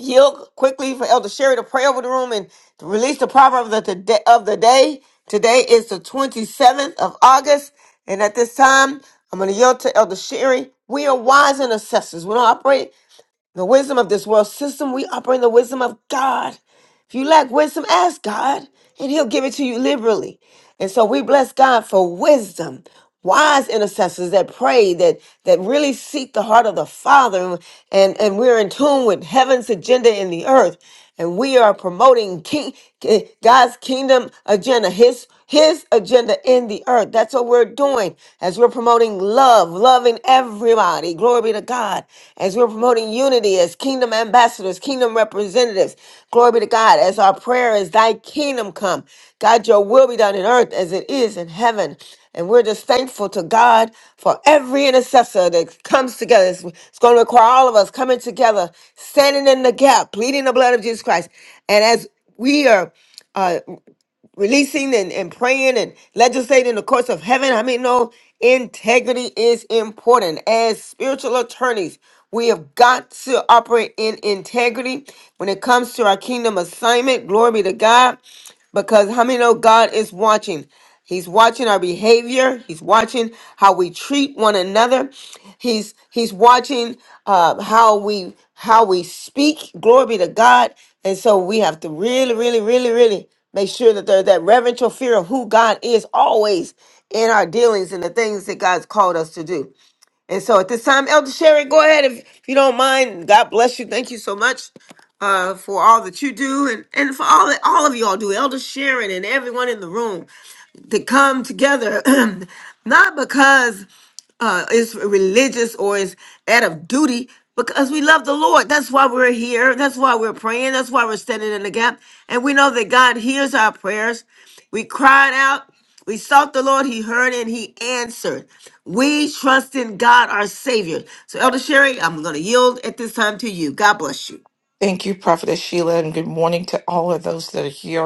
Speaker 1: Yield quickly for Elder Sherry to pray over the room and to release the proverb of the, day, of the day. Today is the 27th of August. And at this time, I'm going to yield to Elder Sherry. We are wise intercessors. We don't operate the wisdom of this world system. We operate in the wisdom of God. If you lack wisdom, ask God, and He'll give it to you liberally. And so we bless God for wisdom, wise intercessors that pray, that that really seek the heart of the Father, and and we're in tune with heaven's agenda in the earth, and we are promoting King eh, God's kingdom agenda, His His agenda in the earth. That's what we're doing as we're promoting love, loving loving everybody. Glory be to God. As we're promoting unity as kingdom ambassadors, kingdom representatives. Glory be to God. As our prayer is, Thy kingdom come. God, your will be done in earth as it is in heaven. And we're just thankful to God for every intercessor that comes together. It's, it's going to require all of us coming together, standing in the gap, pleading the blood of Jesus Christ. And as we are uh, releasing and, and praying and legislating the courts of heaven. I mean, no, integrity is important. As spiritual attorneys, we have got to operate in integrity when it comes to our kingdom assignment. Glory be to God because how many know God is watching? He's watching our behavior. He's watching how we treat one another. He's he's watching uh, how we how we speak. Glory be to God. And so we have to really, really, really, really make sure that there's that reverential fear of who God is always in our dealings and the things that God's called us to do. And so at this time, Elder Sharon, go ahead if, if you don't mind. God bless you. Thank you so much uh, for all that you do and, and for all that all of y'all do, Elder Sharon and everyone in the room to come together, not because uh, is religious or is out of duty because we love the Lord. That's why we're here. That's why we're praying. That's why we're standing in the gap. And we know that God hears our prayers. We cried out. We sought the Lord. He heard and he answered. We trust in God, our Savior. So, Elder Sherry, I'm going to yield at this time to you. God bless you.
Speaker 14: Thank you, Prophetess Sheila, and good morning to all of those that are here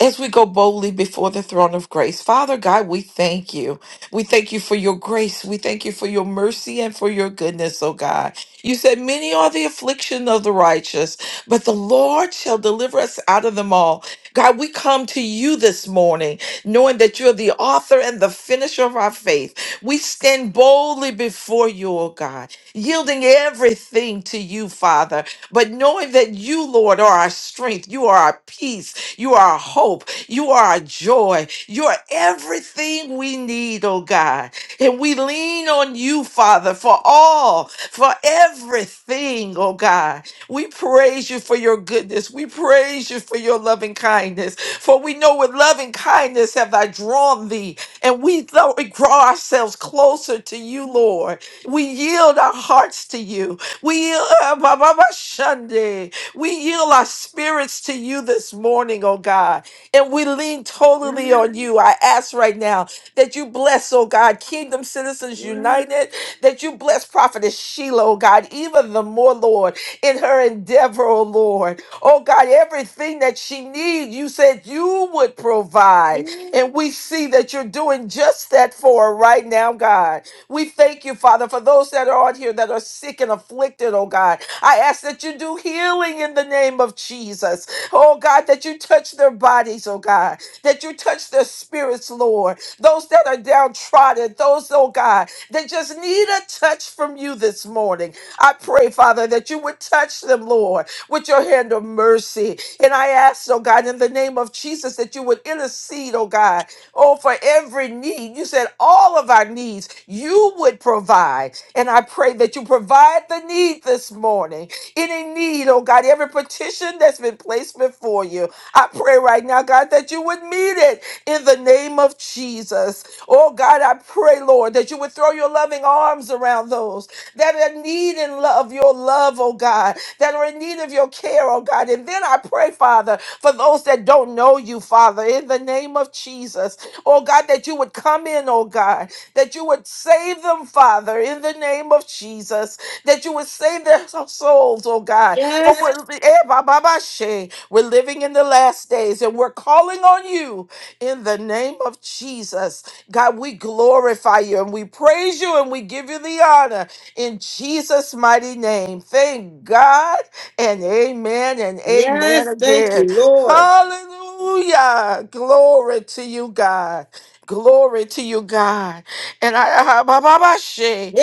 Speaker 14: as we go boldly before the throne of grace. Father God, we thank you. We thank you for your grace. We thank you for your mercy and for your goodness, oh God. You said, Many are the affliction of the righteous, but the Lord shall deliver us out of them all. God, we come to you this morning knowing that you're the author and the finisher of our faith. We stand boldly before you, oh God, yielding everything to you, Father, but knowing that you, Lord, are our strength, you are our peace. You are a hope. You are a joy. You are everything we need, oh God. And we lean on you, Father, for all, for everything, oh God. We praise you for your goodness. We praise you for your loving kindness. For we know with loving kindness have I drawn thee. And we, thou- we draw ourselves closer to you, Lord. We yield our hearts to you. We yield. We yield our spirits to you this morning, oh God, and we lean totally on you. I ask right now that you bless, oh God, Kingdom Citizens United, that you bless Prophetess Sheila, oh God, even the more, Lord, in her endeavor, oh Lord. Oh God, everything that she needs, you said you would provide. And we see that you're doing just that for her right now, God. We thank you, Father, for those that are on here that are sick and afflicted, oh God. I ask that you do healing in the name of Jesus. Oh God, that you touch their bodies, oh God, that you touch their spirits, Lord. Those that are downtrodden, those, oh God, that just need a touch from you this morning. I pray, Father, that you would touch them, Lord, with your hand of mercy. And I ask, oh God, in the name of Jesus, that you would intercede, oh God, oh, for every need. You said all of our needs you would provide. And I pray that you provide the need this morning. Any need, oh God, every petition that's been placed before you. I pray right now, God, that you would meet it in the name of Jesus. Oh God, I pray, Lord, that you would throw your loving arms around those that are in need in love, your love, oh God, that are in need of your care, oh God. And then I pray, Father, for those that don't know you, Father, in the name of Jesus. Oh God, that you would come in, oh God that you would save them, Father, in the name of Jesus, that you would save their souls, oh God. For
Speaker 1: Yes,
Speaker 14: we're, eh, ba, ba, ba, she. we're living in the last days and we're calling on you in the name of Jesus. God, we glorify you and we praise you and we give you the honor in Jesus' mighty name. Thank God and amen and amen
Speaker 1: yes, thank
Speaker 14: again.
Speaker 1: you, Lord.
Speaker 14: Hallelujah. Glory to you, God. Glory to you, God. And I ah, ba- ba- ba- she.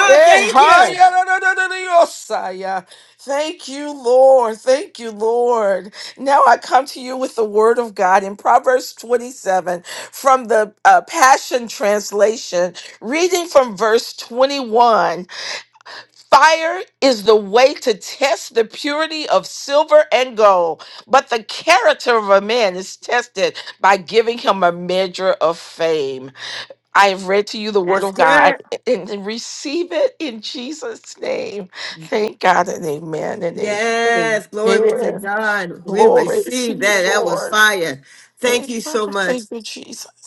Speaker 14: Eh, ha- ya- da- da- da- da- da- yo- sa- ya. Thank you, Lord. Thank you, Lord. Now I come to you with the word of God in Proverbs 27 from the uh, Passion Translation, reading from verse 21. Fire is the way to test the purity of silver and gold, but the character of a man is tested by giving him a measure of fame. I have read to you the word
Speaker 1: That's
Speaker 14: of God
Speaker 1: good.
Speaker 14: and, and receive it in Jesus' name. Thank God and amen and
Speaker 1: Yes, glory be to
Speaker 14: amen.
Speaker 1: God. We
Speaker 14: Glory to
Speaker 1: received that.
Speaker 14: you,
Speaker 1: That was
Speaker 14: Lord.
Speaker 1: fire. Thank
Speaker 14: Amen.
Speaker 1: you so much.
Speaker 14: Thank you,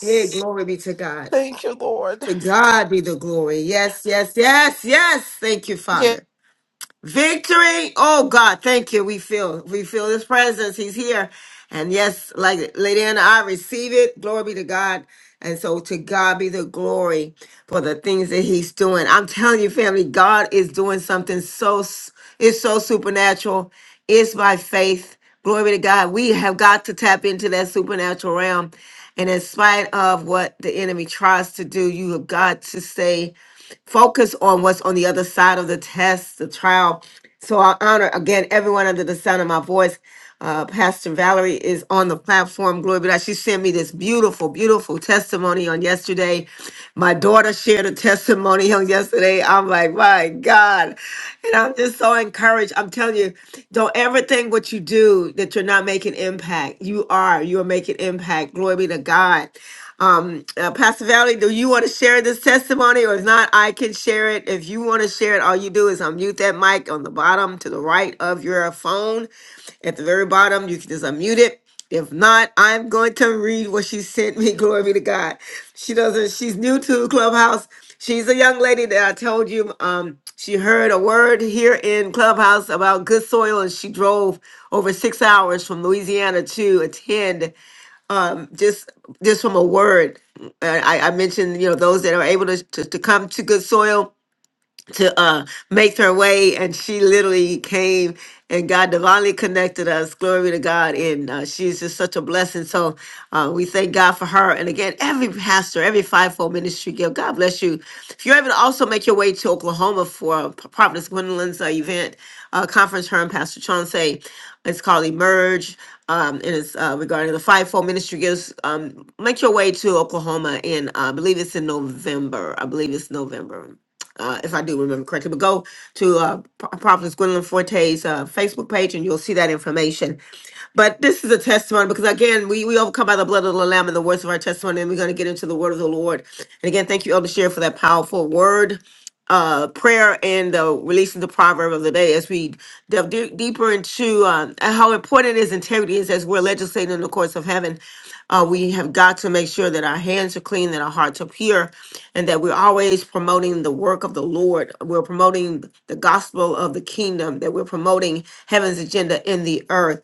Speaker 1: Hey, glory be to God.
Speaker 14: Thank you, Lord.
Speaker 1: To God be the glory. Yes, yes, yes, yes. Thank you,
Speaker 14: Yeah.
Speaker 1: Father. Victory. Oh God, thank you. We feel we feel his presence. He's here. And yes, like Lady Anna, I receive it. Glory be to God. And so to God be the glory for the things that he's doing. I'm telling you, family, God is doing something so s- it's so supernatural. It's by faith. Glory be to God. We have got to tap into that supernatural realm. And in spite of what the enemy tries to do, you have got to stay focus on what's on the other side of the test, the trial. So I honor again everyone under the sound of my voice. Uh, Pastor Valerie is on the platform. Glory be to God. She sent me this beautiful, beautiful testimony on yesterday. My daughter shared a testimony on yesterday. I'm like, my God. And I'm just so encouraged. I'm telling you, don't ever think what you do that you're not making impact. You are. You are making impact. Glory be to God. Um, uh, Pastor Valley, do you want to share this testimony? Or if not, I can share it. If you want to share it, all you do is unmute that mic on the bottom to the right of your phone. At the very bottom, you can just unmute it. If not, I'm going to read what she sent me. Glory be to God. She doesn't, she's new to Clubhouse. She's a young lady that I told you um, she heard a word here in Clubhouse about good soil, and she drove over six hours from Louisiana to attend um, just just from a word. uh, I, I mentioned, you know, those that are able to, to, to come to good soil to uh make her way and she literally came and God divinely connected us. Glory to God. And uh, she's just such a blessing. So uh, we thank God for her. And again, every pastor, every fivefold ministry gift, God bless you. If you're able to also make your way to Oklahoma for uh, Providence Gwendolyn's uh, event, uh, conference, her and Pastor Chauncey, it's called Emerge. Um, and it's uh, regarding the fivefold ministry gifts. Um, make your way to Oklahoma, and uh, I believe it's in November. I believe it's November uh, if I do remember correctly. But go to uh, Pro- Prophetess Gwendolyn Forte's uh, Facebook page and you'll see that information. But this is a testimony because, again, we, we overcome by the blood of the Lamb and the words of our testimony. And we're going to get into the word of the Lord. And again, thank you, Elder Share, for that powerful word. Uh, prayer and uh, releasing the proverb of the day as we delve de- deeper into uh, how important his integrity is as we're legislating in the courts of heaven. Uh, we have got to make sure that our hands are clean, that our hearts are pure, and that we're always promoting the work of the Lord. We're promoting the gospel of the kingdom, that we're promoting heaven's agenda in the earth.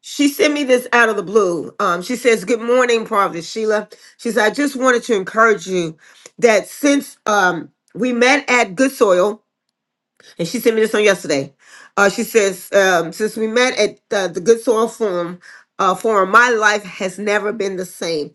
Speaker 1: She sent me this out of the blue. Um, she says, Good morning, Prophet Sheila. She says, I just wanted to encourage you that since um, we met at Good Soil, and she sent me this on yesterday. Uh, she says, um, since we met at uh, the Good Soil Forum, uh, forum, my life has never been the same.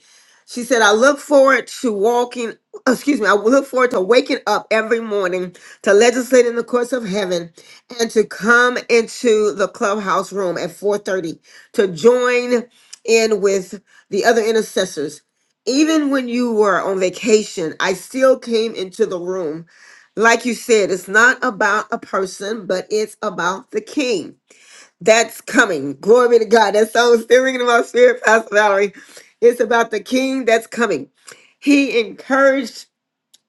Speaker 1: She said, I look forward to walking, excuse me, I look forward to waking up every morning to legislate in the courts of heaven and to come into the clubhouse room at 4.30 to join in with the other intercessors. Even when you were on vacation, I still came into the room like you said, it's not about a person, but it's about the king. That's coming. Glory be to God. That song is still ringing in my spirit, Pastor Valerie. It's about the king that's coming. He encouraged,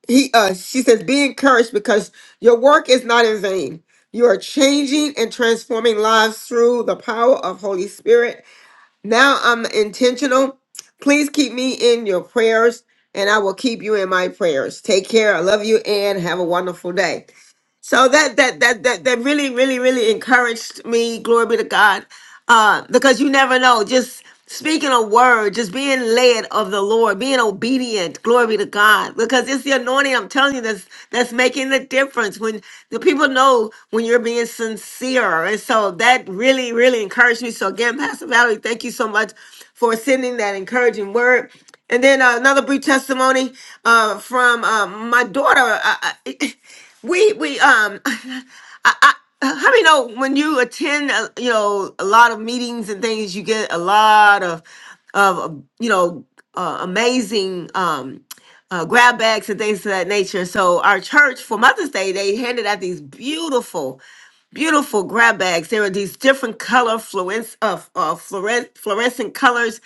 Speaker 1: he uh she says, be encouraged because your work is not in vain. You are changing and transforming lives through the power of Holy Spirit. Now I'm intentional. Please keep me in your prayers, and I will keep you in my prayers. Take care. I love you and have a wonderful day. So that that that that that really, really, really encouraged me. Glory be to God, uh, because you never know. Just speaking a word, just being led of the Lord, being obedient. Glory be to God, because it's the anointing. I'm telling you, that's that's making the difference. When the people know when you're being sincere, and so that really, really encouraged me. So again, Pastor Valerie, thank you so much for sending that encouraging word. And then uh, another brief testimony uh, from uh, my daughter. I, I, we we um, I, I, how many know when you attend uh, you know a lot of meetings and things, you get a lot of of um, you know uh, amazing um, uh, grab bags and things of that nature. So our church for Mother's Day, they handed out these beautiful beautiful grab bags. There are these different color fluence of uh, fluores- fluorescent colors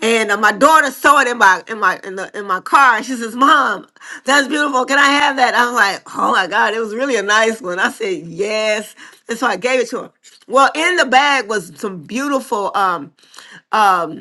Speaker 1: and uh, my daughter saw it in my in my in the in my car. She says, "Mom, that's beautiful. Can I have that?" I'm like, "Oh my God, it was really a nice one." I said, "Yes," and so I gave it to her. Well, in the bag was some beautiful um um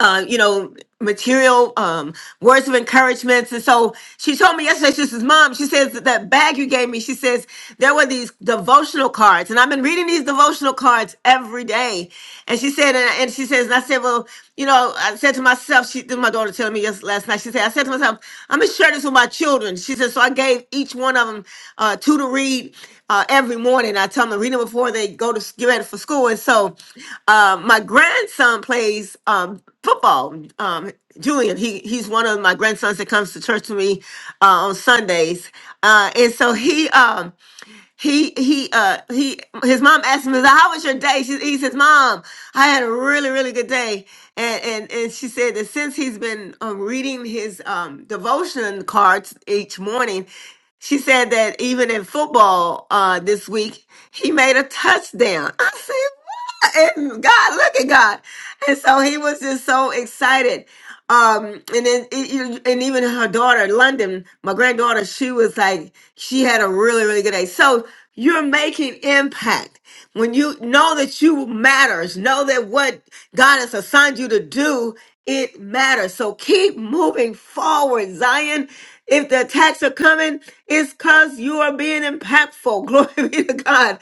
Speaker 1: uh, you know, material, um, words of encouragements. And so she told me yesterday, she says, Mom, she says, that that bag you gave me, she says, there were these devotional cards. And I've been reading these devotional cards every day. And she said, and, and she says, and I said, well, you know, I said to myself, she, this is my daughter telling me yes, last night, she said, I said to myself, I'm going to share this with my children. She said, so I gave each one of them uh, two to read uh, every morning. I tell them to read them before they go to s- get ready for school. And so uh, my grandson plays um, football. Um, Julian, he he's one of my grandsons that comes to church with me uh, on Sundays. Uh, and so he. Um, he he uh he his mom asked him how was your day she, he says mom i had a really really good day and and and she said that since he's been um, reading his um devotion cards each morning she said that even in football uh, this week, he made a touchdown. I said, what? And God, look at God. And so he was just so excited. Um, and then, it, you- and even her daughter, London, my granddaughter, she was like, she had a really, really good day. So you're making impact. When you know that you matters, know that what God has assigned you to do, it matters. So keep moving forward, Zion. If the attacks are coming, it's because you are being impactful. Glory be to God.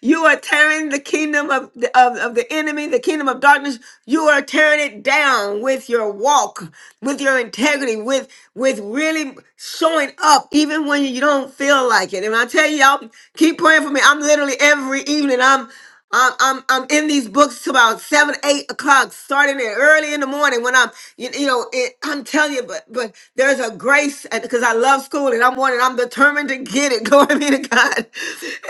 Speaker 1: You are tearing the kingdom of, of, of the enemy, the kingdom of darkness. You are tearing it down with your walk, with your integrity, with with really showing up even when you don't feel like it. And I tell y'all, keep praying for me. I'm literally every evening. I'm I'm, I'm I'm in these books till about seven, eight o'clock, starting it early in the morning when I'm, you, you know, it, I'm telling you, but but there's a grace because I love school and I'm wanting, I'm determined to get it. Glory be to God.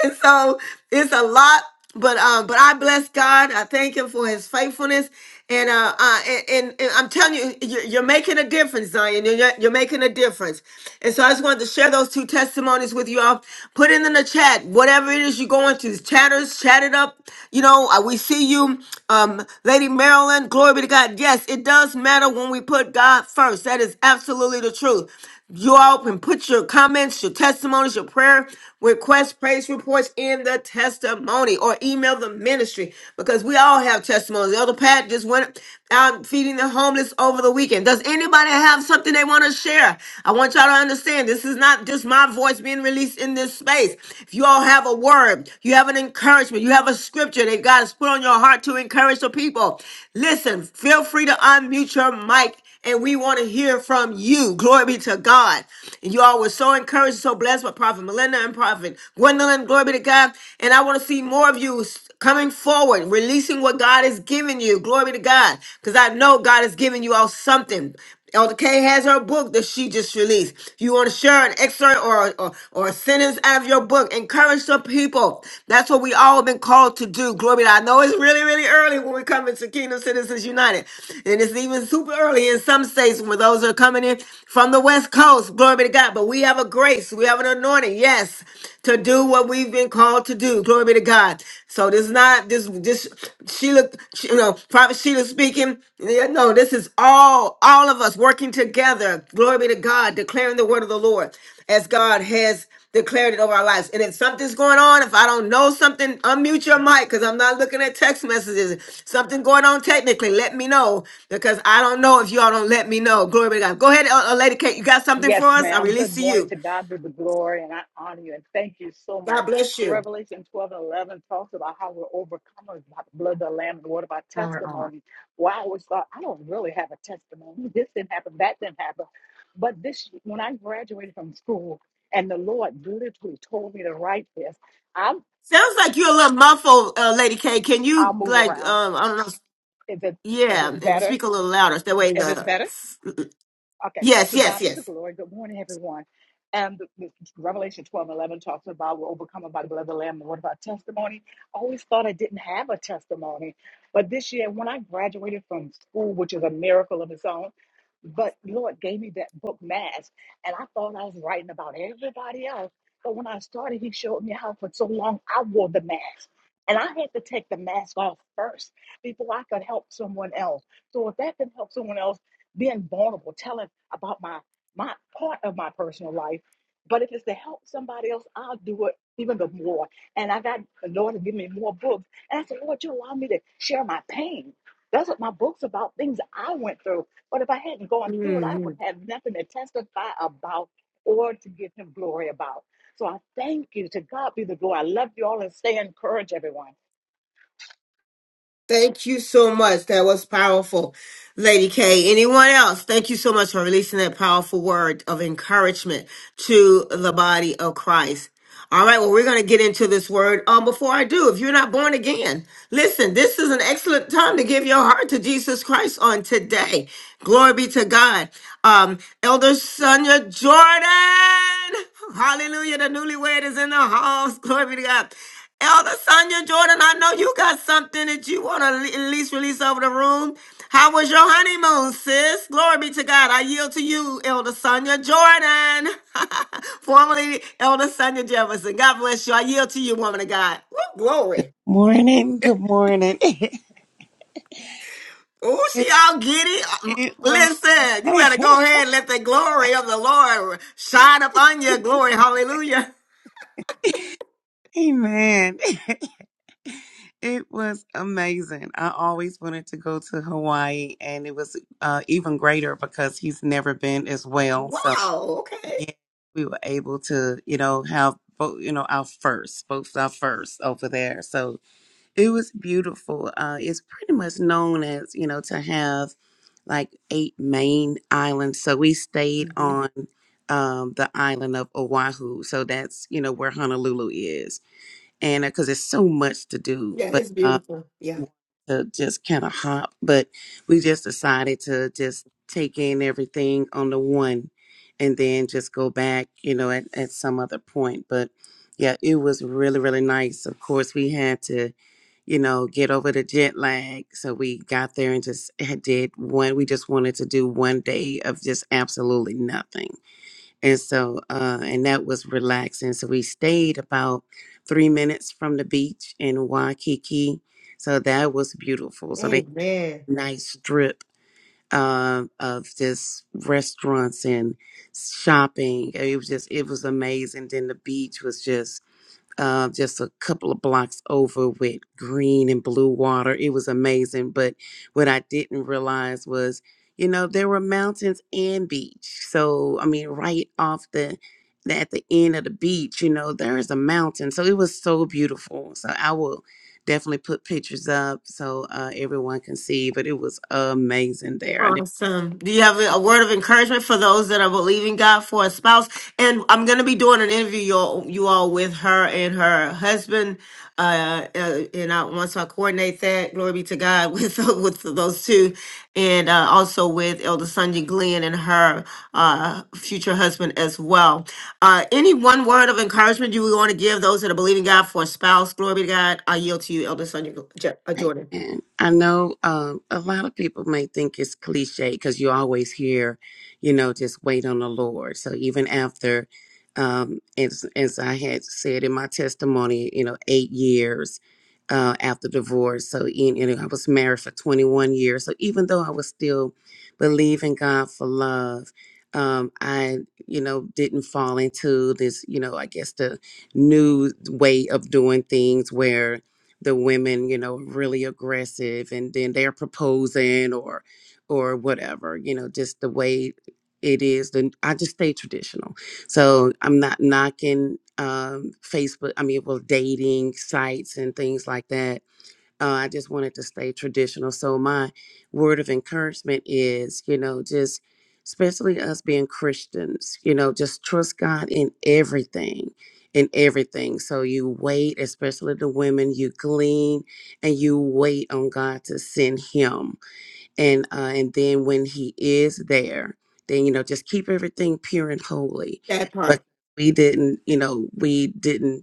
Speaker 1: And so it's a lot, but um, but I bless God. I thank Him for His faithfulness, and uh, uh and, and, and I'm telling you, you're, you're making a difference, Zion. You're you're you're making a difference. And so I just wanted to share those two testimonies with you y'all. Put it in the chat, whatever it is you're going through. Chatters, chat it up. You know, uh, we see you, um, Lady Marilyn. Glory be to God. Yes, it does matter when we put God first. That is absolutely the truth. You all can put your comments, your testimonies, your prayer requests, praise reports in the testimony or email the ministry because we all have testimonies. Elder Pat just went out feeding the homeless over the weekend. Does anybody have something? something they want to share. I want y'all to understand this is not just my voice being released in this space. If you all have a word, you have an encouragement, you have a scripture that God has put on your heart to encourage the people, listen, feel free to unmute your mic and we want to hear from you. Glory be to God. And you all were so encouraged, so blessed by Prophet Melinda and Prophet Gwendolyn. Glory be to God. And I want to see more of you coming forward, releasing what God has given you. Glory to God. Because I know God has given you all something. Elder K has her book that she just released. If you want to share an excerpt or, or, or a sentence out of your book, encourage some people. That's what we all been called to do. Glory to God. I know it's really, really early when we come into Kingdom Citizens United. And it's even super early in some states when those are coming in from the West Coast. Glory be to God. But we have a grace. We have an anointing. Yes. To do what we've been called to do. Glory be to God. So this is not this this Sheila, she- you know, Prophet Sheila speaking. Yeah, No, this is all all of us working together. Glory be to God, declaring the word of the Lord as God has declared it over our lives. And if something's going on, if I don't know something, unmute your mic because I'm not looking at text messages. Something going on technically, let me know because I don't know if y'all don't let me know. Glory be to God. Go ahead, uh, uh, Lady Kate. You got something for
Speaker 2: Yes,
Speaker 1: us? I
Speaker 2: ma'am.
Speaker 1: release
Speaker 2: Good
Speaker 1: to
Speaker 2: morning
Speaker 1: you.
Speaker 2: to God be the glory, and I honor you and thank you so
Speaker 1: God
Speaker 2: much.
Speaker 1: bless you.
Speaker 2: Revelation 12 and 11 talks about how we're overcomers by the blood of the Lamb and the word of our testimony. Well, I always thought, I don't really have a testimony. This didn't happen, that didn't happen. But this, when I graduated from school and the Lord literally told me to write this, I'm,
Speaker 1: Sounds like you're a little muffled, uh, Lady K. Can
Speaker 2: I'll
Speaker 1: you
Speaker 2: move
Speaker 1: like
Speaker 2: around.
Speaker 1: um I don't know,
Speaker 2: Is it, is this
Speaker 1: yeah, and
Speaker 2: better?
Speaker 1: speak a little louder. That way
Speaker 2: Is this
Speaker 1: the
Speaker 2: better? Okay,
Speaker 1: yes,
Speaker 2: to
Speaker 1: yes,
Speaker 2: God be the glory. Good morning, everyone. And the, the Revelation 12 and 11 talks about we're overcome by the blood of the Lamb. And what about testimony? I always thought I didn't have a testimony. But this year, when I graduated from school, which is a miracle of its own, but Lord gave me that book, Mass. And I thought I was writing about everybody else. But when I started, He showed me how for so long I wore the mask. And I had to take the mask off first before I could help someone else. So if that can help someone else, being vulnerable, telling about my my part of my personal life. But if it's to help somebody else, I'll do it even the more. And I got the Lord to give me more books. And I said, Lord, you allow me to share my pain. That's what my book's about, things I went through. But if I hadn't gone through it, I
Speaker 1: yes.
Speaker 2: would have nothing to testify about or to give him glory about. So I thank you. To God be the glory. I love you all and stay encouraged, everyone.
Speaker 1: Thank you so much. That was powerful, Lady K. Anyone else? Thank you so much for releasing that powerful word of encouragement to the body of Christ. All right, well, we're going to get into this word. Um, before I do, if you're not born again, listen, this is an excellent time to give your heart to Jesus Christ on today. Glory be to God. Um, Elder Sonia Jordan. Hallelujah. The newlywed is in the house. Glory be to God. Elder Sonia Jordan, I know you got something that you want to at least release over the room. How was your honeymoon, sis? Glory be to God. I yield to you, Elder Sonia Jordan, formerly Elder Sonia Jefferson. God bless you. I yield to you, woman of God. Woo, glory.
Speaker 15: Morning, good morning.
Speaker 1: Oh, she
Speaker 15: It,
Speaker 1: all giddy. Um,
Speaker 15: it was,
Speaker 1: Listen, you better go ahead and let the glory of the Lord shine upon you. Glory. Hallelujah.
Speaker 15: amen. It was amazing. I always wanted to go to Hawaii, and it was uh, even greater because he's never been as well. So,
Speaker 1: Wow. Okay.
Speaker 15: yeah, we were able to, you know, have both, you know, our first, both our first over there. So. It was beautiful. Uh, it's pretty much known as, you know, to have like eight main islands. So we stayed on um, the island of Oahu. So that's, you know, where Honolulu is. And because there's so much to do.
Speaker 1: Yeah,
Speaker 15: But
Speaker 1: it's beautiful. Yeah.
Speaker 15: to just kind of hop, but we just decided to just take in everything on the one and then just go back, you know, at, at some other point. But yeah, it was really, really nice. Of course, we had to, you know, get over the jet lag. So we got there and just had- did one. We just wanted to do one day of just absolutely nothing and so, uh, and that was relaxing. So we stayed about three minutes from the beach in Waikiki. So that was beautiful. So they had
Speaker 1: Amen.
Speaker 15: a nice strip uh, of just restaurants and shopping. It was just, it was amazing. Then the beach was just uh, just a couple of blocks over with green and blue water. It was amazing. But what I didn't realize was, you know, there were mountains and beach. So, I mean, right off the at the end of the beach, you know, there is a mountain. So it was so beautiful. So I will definitely put pictures up so uh, everyone can see. But it was amazing there. I didn't.
Speaker 1: Awesome. Do you have a word of encouragement for those that are believing God for a spouse? And I'm going to be doing an interview, you all, you all with her and her husband. Uh, uh, and I, once I coordinate that, glory be to God with with those two, and uh, also with Elder Sonja Glenn and her uh, future husband as well. Uh, any one word of encouragement you would want to give those that are believing God for a spouse? Glory be to God. I yield to you, Elder Sonja Gl- Jo- uh, Jordan.
Speaker 15: And I know um, a lot of people may think it's cliche because you always hear, you know, just wait on the Lord. So even after, um, as as I had said in my testimony, you know, eight years uh, after divorce. So you you know, I was married for 21 years. So even though I was still believing God for love, um, I you know didn't fall into this, you know, I guess the new way of doing things where the women, you know, really aggressive and then they're proposing or or whatever, you know, just the way it is. Then I just stay traditional. So I'm not knocking um Facebook, I mean well dating sites and things like that uh, I just wanted to stay traditional. So my word of encouragement is, you know, just especially us being Christians, you know, just trust God in everything, in everything. So you wait, especially the women, you glean and you wait on God to send Him, and uh, and then when He is there, then you know, just keep everything pure and holy.
Speaker 1: That
Speaker 15: But
Speaker 1: part.
Speaker 15: we didn't, you know, we didn't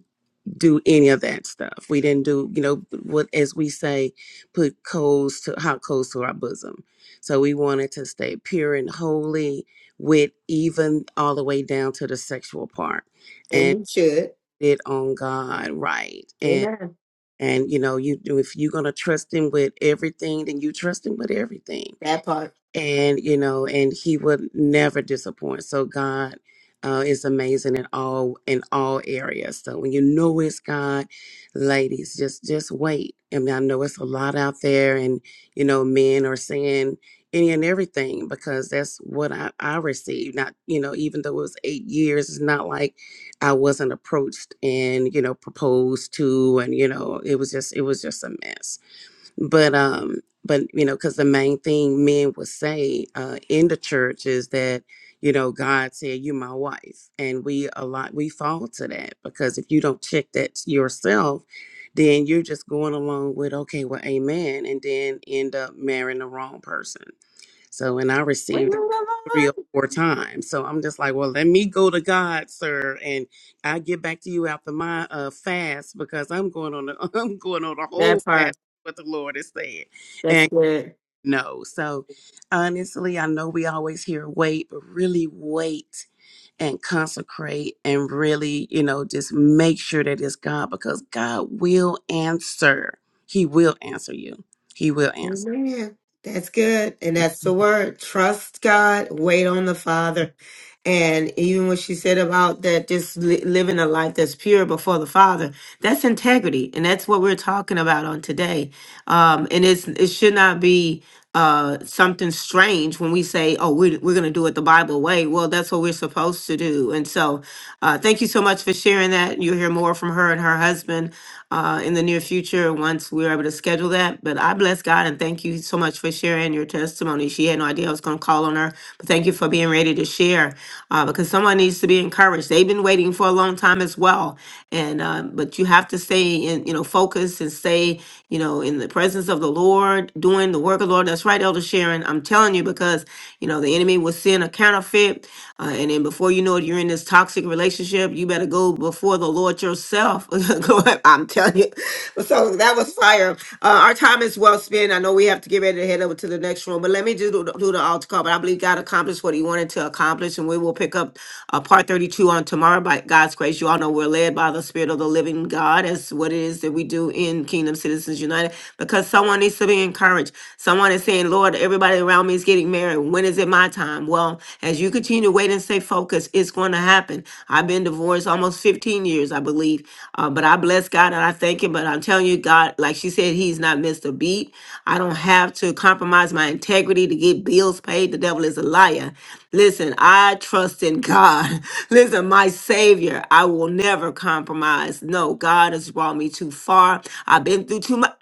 Speaker 15: do any of that stuff. We didn't do, you know, what as we say, put coals to hot coals to our bosom. So we wanted to stay pure and holy with even all the way down to the sexual part
Speaker 1: And
Speaker 15: and
Speaker 1: we should.
Speaker 15: it on God right. And
Speaker 1: Amen.
Speaker 15: and you know, you do if you're gonna trust him with everything, then you trust him with everything
Speaker 1: That part.
Speaker 15: and you know and he would never disappoint so god uh, is amazing in all in all areas so when you know it's god ladies just just wait i mean i know it's a lot out there and you know men are saying any and everything because that's what i i received not you know even though it was eight years it's not like i wasn't approached and you know proposed to and you know it was just it was just a mess but um but you know because the main thing men will say uh in the church is that you know god said you my wife and we a lot we fall to that because if you don't check that yourself then you're just going along with okay well amen and then end up marrying the wrong person so, and I received it three or four times. So I'm just like, well, let me go to God, sir, and I get back to you after my uh, fast because I'm going on a, I'm going on a whole
Speaker 1: That
Speaker 15: fast.
Speaker 1: part.
Speaker 15: What the Lord is saying,
Speaker 1: That's
Speaker 15: and
Speaker 1: good.
Speaker 15: no. So honestly, I know we always hear wait, but really wait and consecrate and really, you know, just make sure that it's God because God will answer. He will answer you. He will answer.
Speaker 1: Amen. That's good. And that's the word. Trust God. Wait on the Father. And even what she said about that, just li- living a life that's pure before the Father, that's integrity, and that's what we're talking about on today. Um, and it's it should not be uh, something strange when we say, "Oh, we're we're going to do it the Bible way." Well, that's what we're supposed to do. And so, uh, thank you so much for sharing that. You'll hear more from her and her husband uh, in the near future once we're able to schedule that. But I bless God and thank you so much for sharing your testimony. She had no idea I was going to call on fall on her. But thank you for being ready to share uh, because someone needs to be encouraged. They've been waiting for a long time as well. And, uh, but you have to stay in, you know, focus and stay, you know, in the presence of the Lord, doing the work of the Lord. That's right, Elder Sharon. I'm telling you because, you know, the enemy will send a counterfeit. Uh, and then before you know it, you're in this toxic relationship. You better go before the Lord yourself. Go ahead, I'm telling you. So that was fire. Uh, our time is well spent. I know we have to get ready to head over to the next room, but let me do, the- do the altar call, but I believe God accomplished what he wanted to accomplish, and we will pick up uh, part thirty-two on tomorrow by God's grace. You all know we're led by the Spirit of the living God, as what it is that we do in Kingdom Citizens United, because someone needs to be encouraged. Someone is saying, Lord, everybody around me is getting married. When is it my time? Well, as you continue to wait and stay focused, it's going to happen. I've been divorced almost fifteen years, I believe, uh, but I bless God and I thank him, but I'm telling you, God, like she said, he's not not missed a beat. I don't have to compromise my integrity to get bills paid. The devil is a liar. Listen, I trust in God. Listen, my Savior, I will never compromise. No, God has brought me too far. I've been through too much.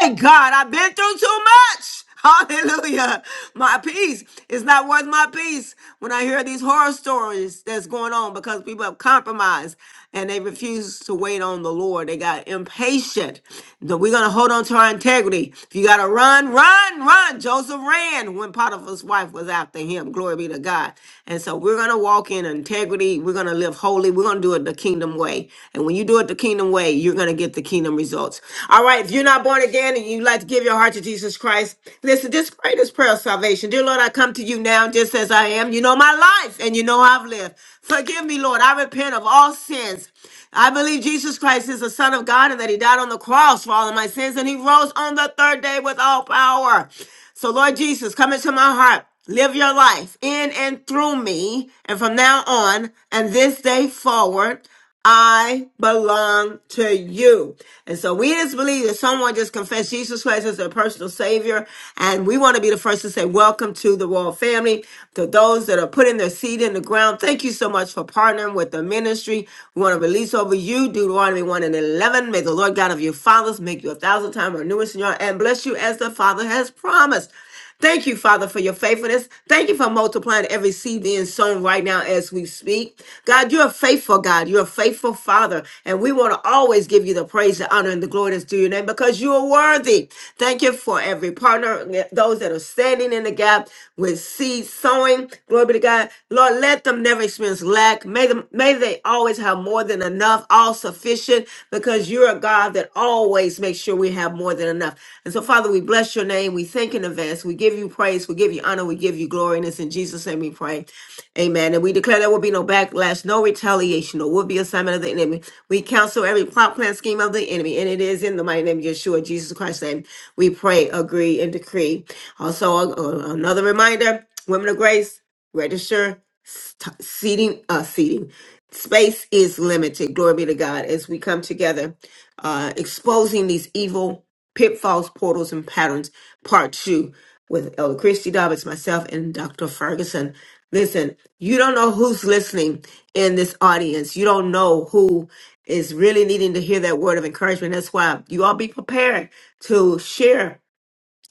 Speaker 1: Hey, God, I've been through too much. Hallelujah. My peace is not worth my peace when I hear these horror stories that's going on because people have compromised and they refuse to wait on the Lord. They got impatient. So we're going to hold on to our integrity. If you got to run, run, run. Joseph ran when Potiphar's wife was after him. Glory be to God. And so we're going to walk in integrity. We're going to live holy. We're going to do it the kingdom way. And when you do it the kingdom way, you're going to get the kingdom results. All right. If you're not born again and you'd like to give your heart to Jesus Christ, life. Listen, just pray this prayer of salvation. Dear Lord, I come to you now just as I am. You know my life and you know how I've lived. Forgive me, Lord. I repent of all sins. I believe Jesus Christ is the Son of God and that He died on the cross for all of my sins and He rose on the third day with all power. So, Lord Jesus, come into my heart. Live your life in and through me. And from now on and this day forward, I belong to you. And so we just believe that someone just confessed Jesus Christ as their personal savior. And we want to be the first to say, Welcome to the Royal Family. To those that are putting their seed in the ground, thank you so much for partnering with the ministry. We want to release over you Deuteronomy 1 and 11. May the Lord God of your fathers make you a thousand times more numerous in your and bless you as the Father has promised. Thank you, Father, for your faithfulness. Thank you for multiplying every seed being sown right now as we speak. God, you're a faithful God. You're a faithful Father. And we want to always give you the praise, the honor, and the glory that's due your name because you are worthy. Thank you for every partner, eh, those that are standing in the gap with seed sowing. Glory be to God. Lord, let them never experience lack. May them may they always have more than enough, all sufficient, because because you're a God that always makes sure we have more than enough. And so, Father, we bless your name. We thank in advance. We give you praise. We give you honor. We give you glory. And it's in Jesus' name we pray. Amen. And we declare there will be no backlash, no retaliation, or will be assignment of the enemy. We counsel every plot, plan, scheme of the enemy. And it is in the mighty name of Yeshua, Jesus Christ's name. We pray, agree, and decree. Also, a- a- another reminder, women of grace register st- seating uh seating space is limited glory be to god as we come together uh exposing these evil pitfalls portals and patterns part two with elder christy dobbins myself and dr ferguson listen you don't know who's listening in this audience you don't know who is really needing to hear that word of encouragement that's why you all be prepared to share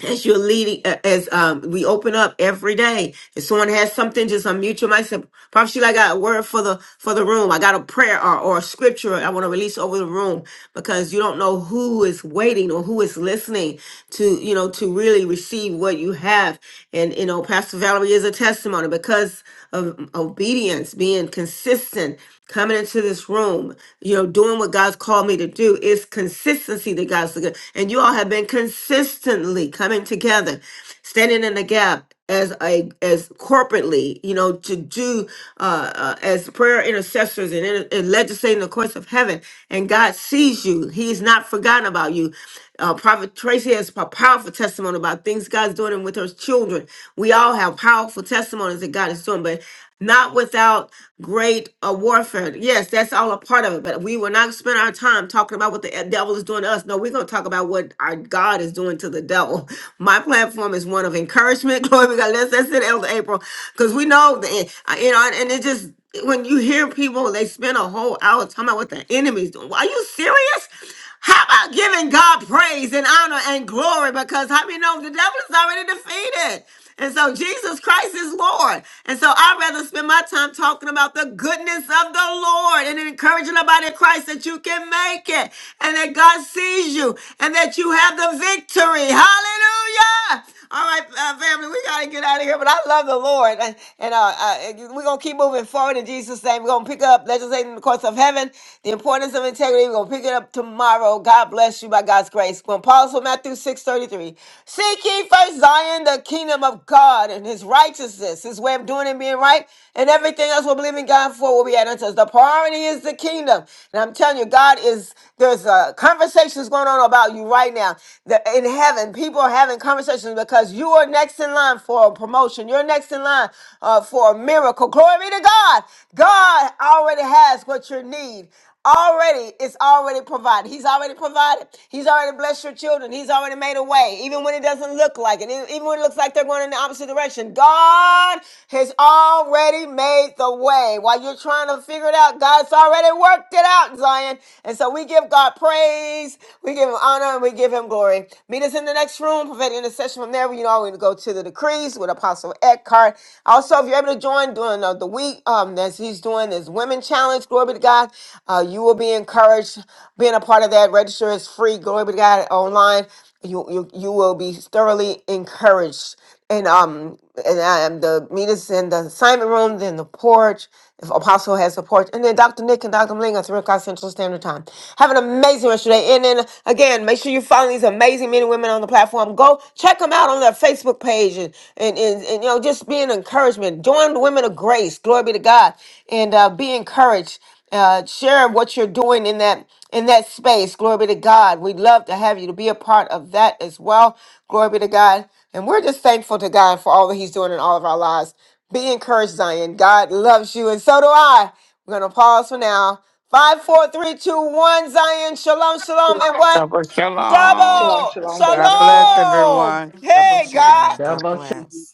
Speaker 1: as you're leading, a- as um, we open up every day, if someone has something, just unmute your mic. Say, Prophet Sheila, I got a word for the for the room. I got a prayer or, or a scripture I want to release over the room because you don't know who is waiting or who is listening to you know to really receive what you have. And you know, Pastor Valerie is a testimony because of obedience, being consistent, coming into this room, you know, doing what God's called me to do. It's consistency that God's looking. And you all have been consistently coming together, standing in the gap as a as corporately, you know, to do uh, uh as prayer intercessors and, inter- and legislating the courts of heaven. And God sees you. He's not forgotten about you. Uh, Prophet Tracy has a powerful testimony about things God's doing with her children. We all have powerful testimonies that God is doing, but not without great uh, warfare. Yes, that's all a part of it, but we will not spend our time talking about what the uh, devil is doing to us. No, we're going to talk about what our God is doing to the devil. My platform is one of encouragement. Glory be to God. That's, that's it, Elder April, because we know, that, uh, you know, and it just, when you hear people, they spend a whole hour talking about what the enemy's doing. Are you serious? How about giving God praise and honor and glory? Because how many know the devil is already defeated? And so Jesus Christ is Lord. And so I'd rather spend my time talking about the goodness of the Lord and encouraging the body of Christ that you can make it and that God sees you and that you have the victory. Hallelujah. All right, uh, family, we gotta get out of here. But I love the Lord, and, and uh, uh, we're gonna keep moving forward in Jesus' name. We're gonna pick up legislating the courts of heaven, the importance of integrity. We're gonna pick it up tomorrow. God bless you by God's grace. We're gonna pause for Matthew six thirty three. Seek ye first Zion, the kingdom of God, and His righteousness, His way of doing and being right, and everything else we're believing God for will be added unto us. The priority is the kingdom, and I'm telling you, God is. There's uh, conversations going on about you right now. The, in heaven, people are having having conversations because you are next in line for a promotion. You're next in line uh, for a miracle. Glory be to God. God already has what you need already it's already provided he's already provided he's already blessed your children he's already made a way even when it doesn't look like it e- even when it looks like they're going in the opposite direction god has already made the way while you're trying to figure it out god's already worked it out zion and so we give god praise we give him honor and we give him glory Meet Meet us in the next room, prophetic intercession from there. You know, we're going to go to the decrees with Apostle Eckhart. Also, if you're able to join during uh, the week um, as he's doing his Women Challenge, glory be to God, uh, you will be encouraged. Being a part of that, register is free, glory be to God, online. You, you, you will be thoroughly encouraged. And um and I am the meet us in the assignment room, then the porch. If Apostle has support. And then Dr. Nick and Dr. Malinga, at 3 o'clock Central Standard Time. Have an amazing rest of your day. And then again, make sure you follow these amazing men and women on the platform. Go check them out on their Facebook page and, and, and, and, you know, just be an encouragement. Join the women of grace. Glory be to God. And uh, be encouraged uh, share what you're doing in that in that space. Glory be to God. We'd love to have you to be a part of that as well. Glory be to God. And we're just thankful to God for all that He's doing in all of our lives. Be encouraged, Zion. God loves you, and so do I. We're going to pause for now. Five, four, three, two, one. Zion, shalom, shalom, and what?
Speaker 11: Double shalom.
Speaker 2: Shalom,
Speaker 1: Double
Speaker 2: shalom,
Speaker 11: God
Speaker 2: beloved.
Speaker 11: bless
Speaker 2: Shalom.
Speaker 1: shalom.
Speaker 11: everyone.
Speaker 1: Hey, God.
Speaker 16: Double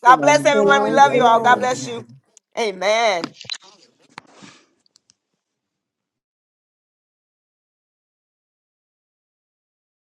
Speaker 1: God bless
Speaker 13: Shalom. Peace
Speaker 1: everyone. We
Speaker 13: and
Speaker 1: love you all.
Speaker 13: blessings,
Speaker 1: God
Speaker 7: shalom.
Speaker 1: bless you.
Speaker 13: everyone.
Speaker 1: Amen.